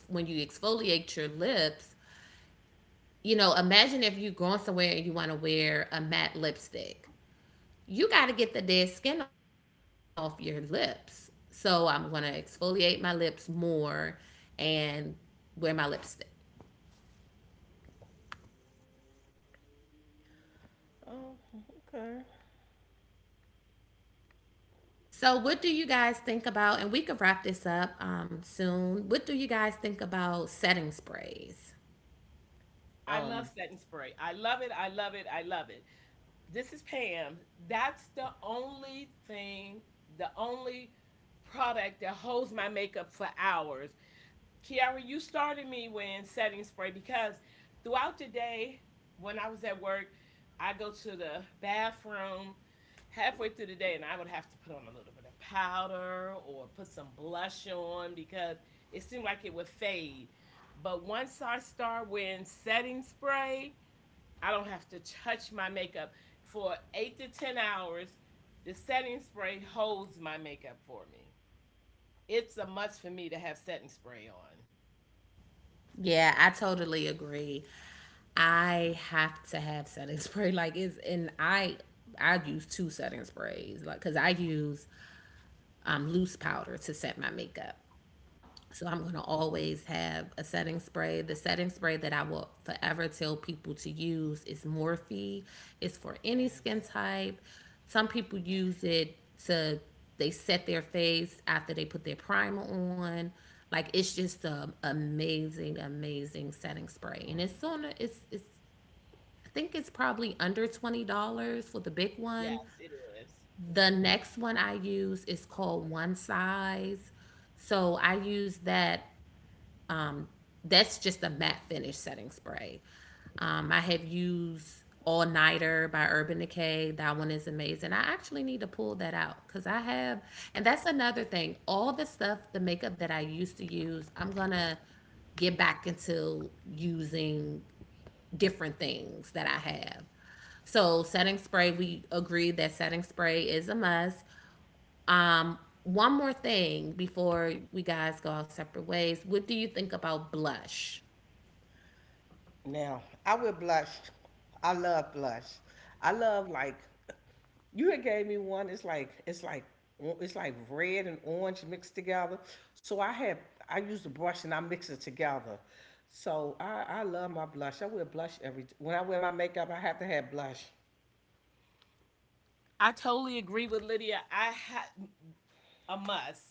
S1: when you exfoliate your lips, you know, imagine if you're going somewhere and you want to wear a matte lipstick. You got to get the dead skin off your lips. So I'm going to exfoliate my lips more and wear my lipstick.
S3: Oh, okay.
S1: So, what do you guys think about? And we could wrap this up um, soon. What do you guys think about setting sprays?
S2: I love
S3: Um,
S2: setting spray. I love it. I love it. I love it. This is Pam. That's the only thing, the only product that holds my makeup for hours. Kiara, you started me with setting spray because throughout the day, when I was at work, I go to the bathroom halfway through the day and I would have to put on a little bit of powder or put some blush on because it seemed like it would fade. But once I start wearing setting spray, I don't have to touch my makeup for eight to ten hours. The setting spray holds my makeup for me. It's a must for me to have setting spray on.
S1: Yeah, I totally agree. I have to have setting spray. Like, it's and I I use two setting sprays. Like, cause I use um, loose powder to set my makeup. So I'm gonna
S2: Mhm.
S1: always have a setting spray. The setting spray that I will forever tell people to use is Morphe. It's for any skin
S2: Yes.
S1: type. Some people use it to they set their face after they put their primer on. Like it's just a amazing, amazing setting spray, and it's on. It's it's I think it's probably under twenty dollars for the big one,
S2: Yes, it is.
S1: the
S2: Mm-hmm.
S1: next one I use is called One Size. So I use that. That's just a matte finish setting spray. Um, I have used All Nighter by Urban Decay. That one is amazing. I actually need to pull that out because I have, and that's another thing. All the stuff, the makeup that I used to use, I'm gonna get back into using different things that I have. So setting spray, we agreed that setting spray is a must. Um, one more thing before we guys go our separate ways. What do you think about blush?
S3: Now, I would blush. I love blush. I love like you had gave me one. It's like it's like it's like red and orange mixed together. So I have I use the brush and I mix it together. So I I love my blush. I wear blush every when I wear my makeup. I have to have blush.
S2: I totally agree with Lydia. I have a must.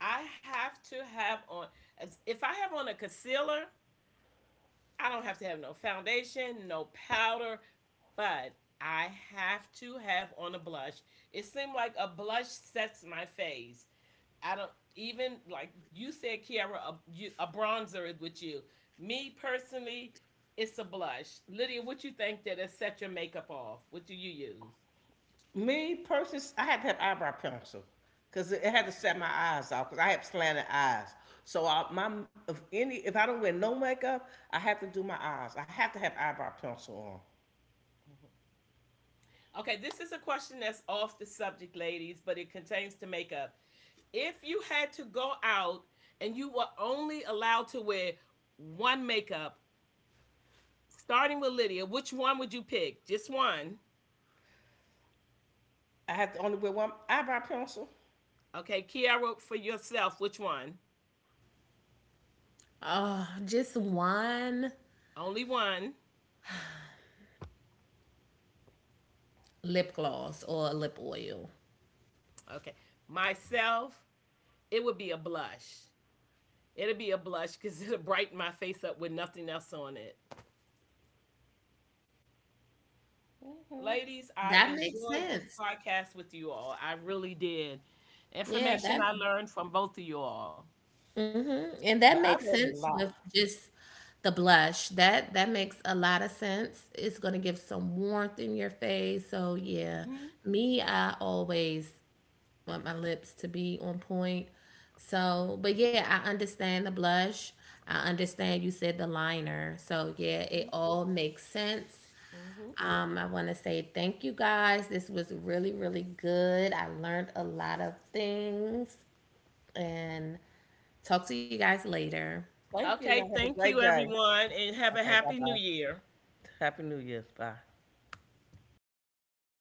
S2: I have to have on, as- if I have on a concealer, I don't have to have no foundation, no powder, but I have to have on a blush. It seemed like a blush sets my face. I don't even like you said, Kiara. A, you, a bronzer is with you. Me personally, it's a blush. Lydia, what you think that has set your makeup off? What do you use?
S3: Me personally, I had to have eyebrow pencil because it, had to
S2: Okay.
S3: set my eyes off because I have slanted eyes. So I, my if any if I don't wear no makeup, I have to do my eyes. I have to have eyebrow pencil on.
S2: Mhm. Okay, this is a question that's off the subject, ladies, but it contains to makeup. If you had to go out and you were only allowed to wear one makeup, starting with Lydia, which one would you pick? Just one.
S3: I have to only wear one eyebrow pencil.
S2: Okay, Kiara, for yourself, which one?
S1: Oh, just one
S2: Only one.
S1: lip gloss or lip oil.
S2: Okay. Myself, it would be a blush. It'll be a blush because it'll brighten my face up with nothing else on it.
S3: Mhm.
S2: Ladies, I
S1: That makes
S2: enjoyed this
S1: sense.
S2: podcast with you all. I really did.
S1: Yeah,
S2: Information I
S1: that
S2: learned from both of you all.
S1: hmm and that
S3: No, I
S1: makes
S3: learned a
S1: sense
S3: lot.
S1: with just the blush. That that makes a lot of sense. It's gonna give some warmth in your face. So yeah,
S2: Hmm.
S1: me, I always want my lips to be on point. So, but yeah, I understand the blush. I understand you said the liner. So, yeah,
S2: Hmm.
S1: it all makes sense.
S2: Hmm.
S1: Um, I want to say thank you guys. This was really, really good. I learned a lot of things and talk to you guys later.
S3: Thank you. Y'all
S2: Okay,
S3: have a
S2: thank
S3: great
S2: you,
S3: day.
S2: everyone, and have a
S3: Okay, bye
S2: happy new
S3: bye.
S2: year.
S3: Happy New Year's. Bye.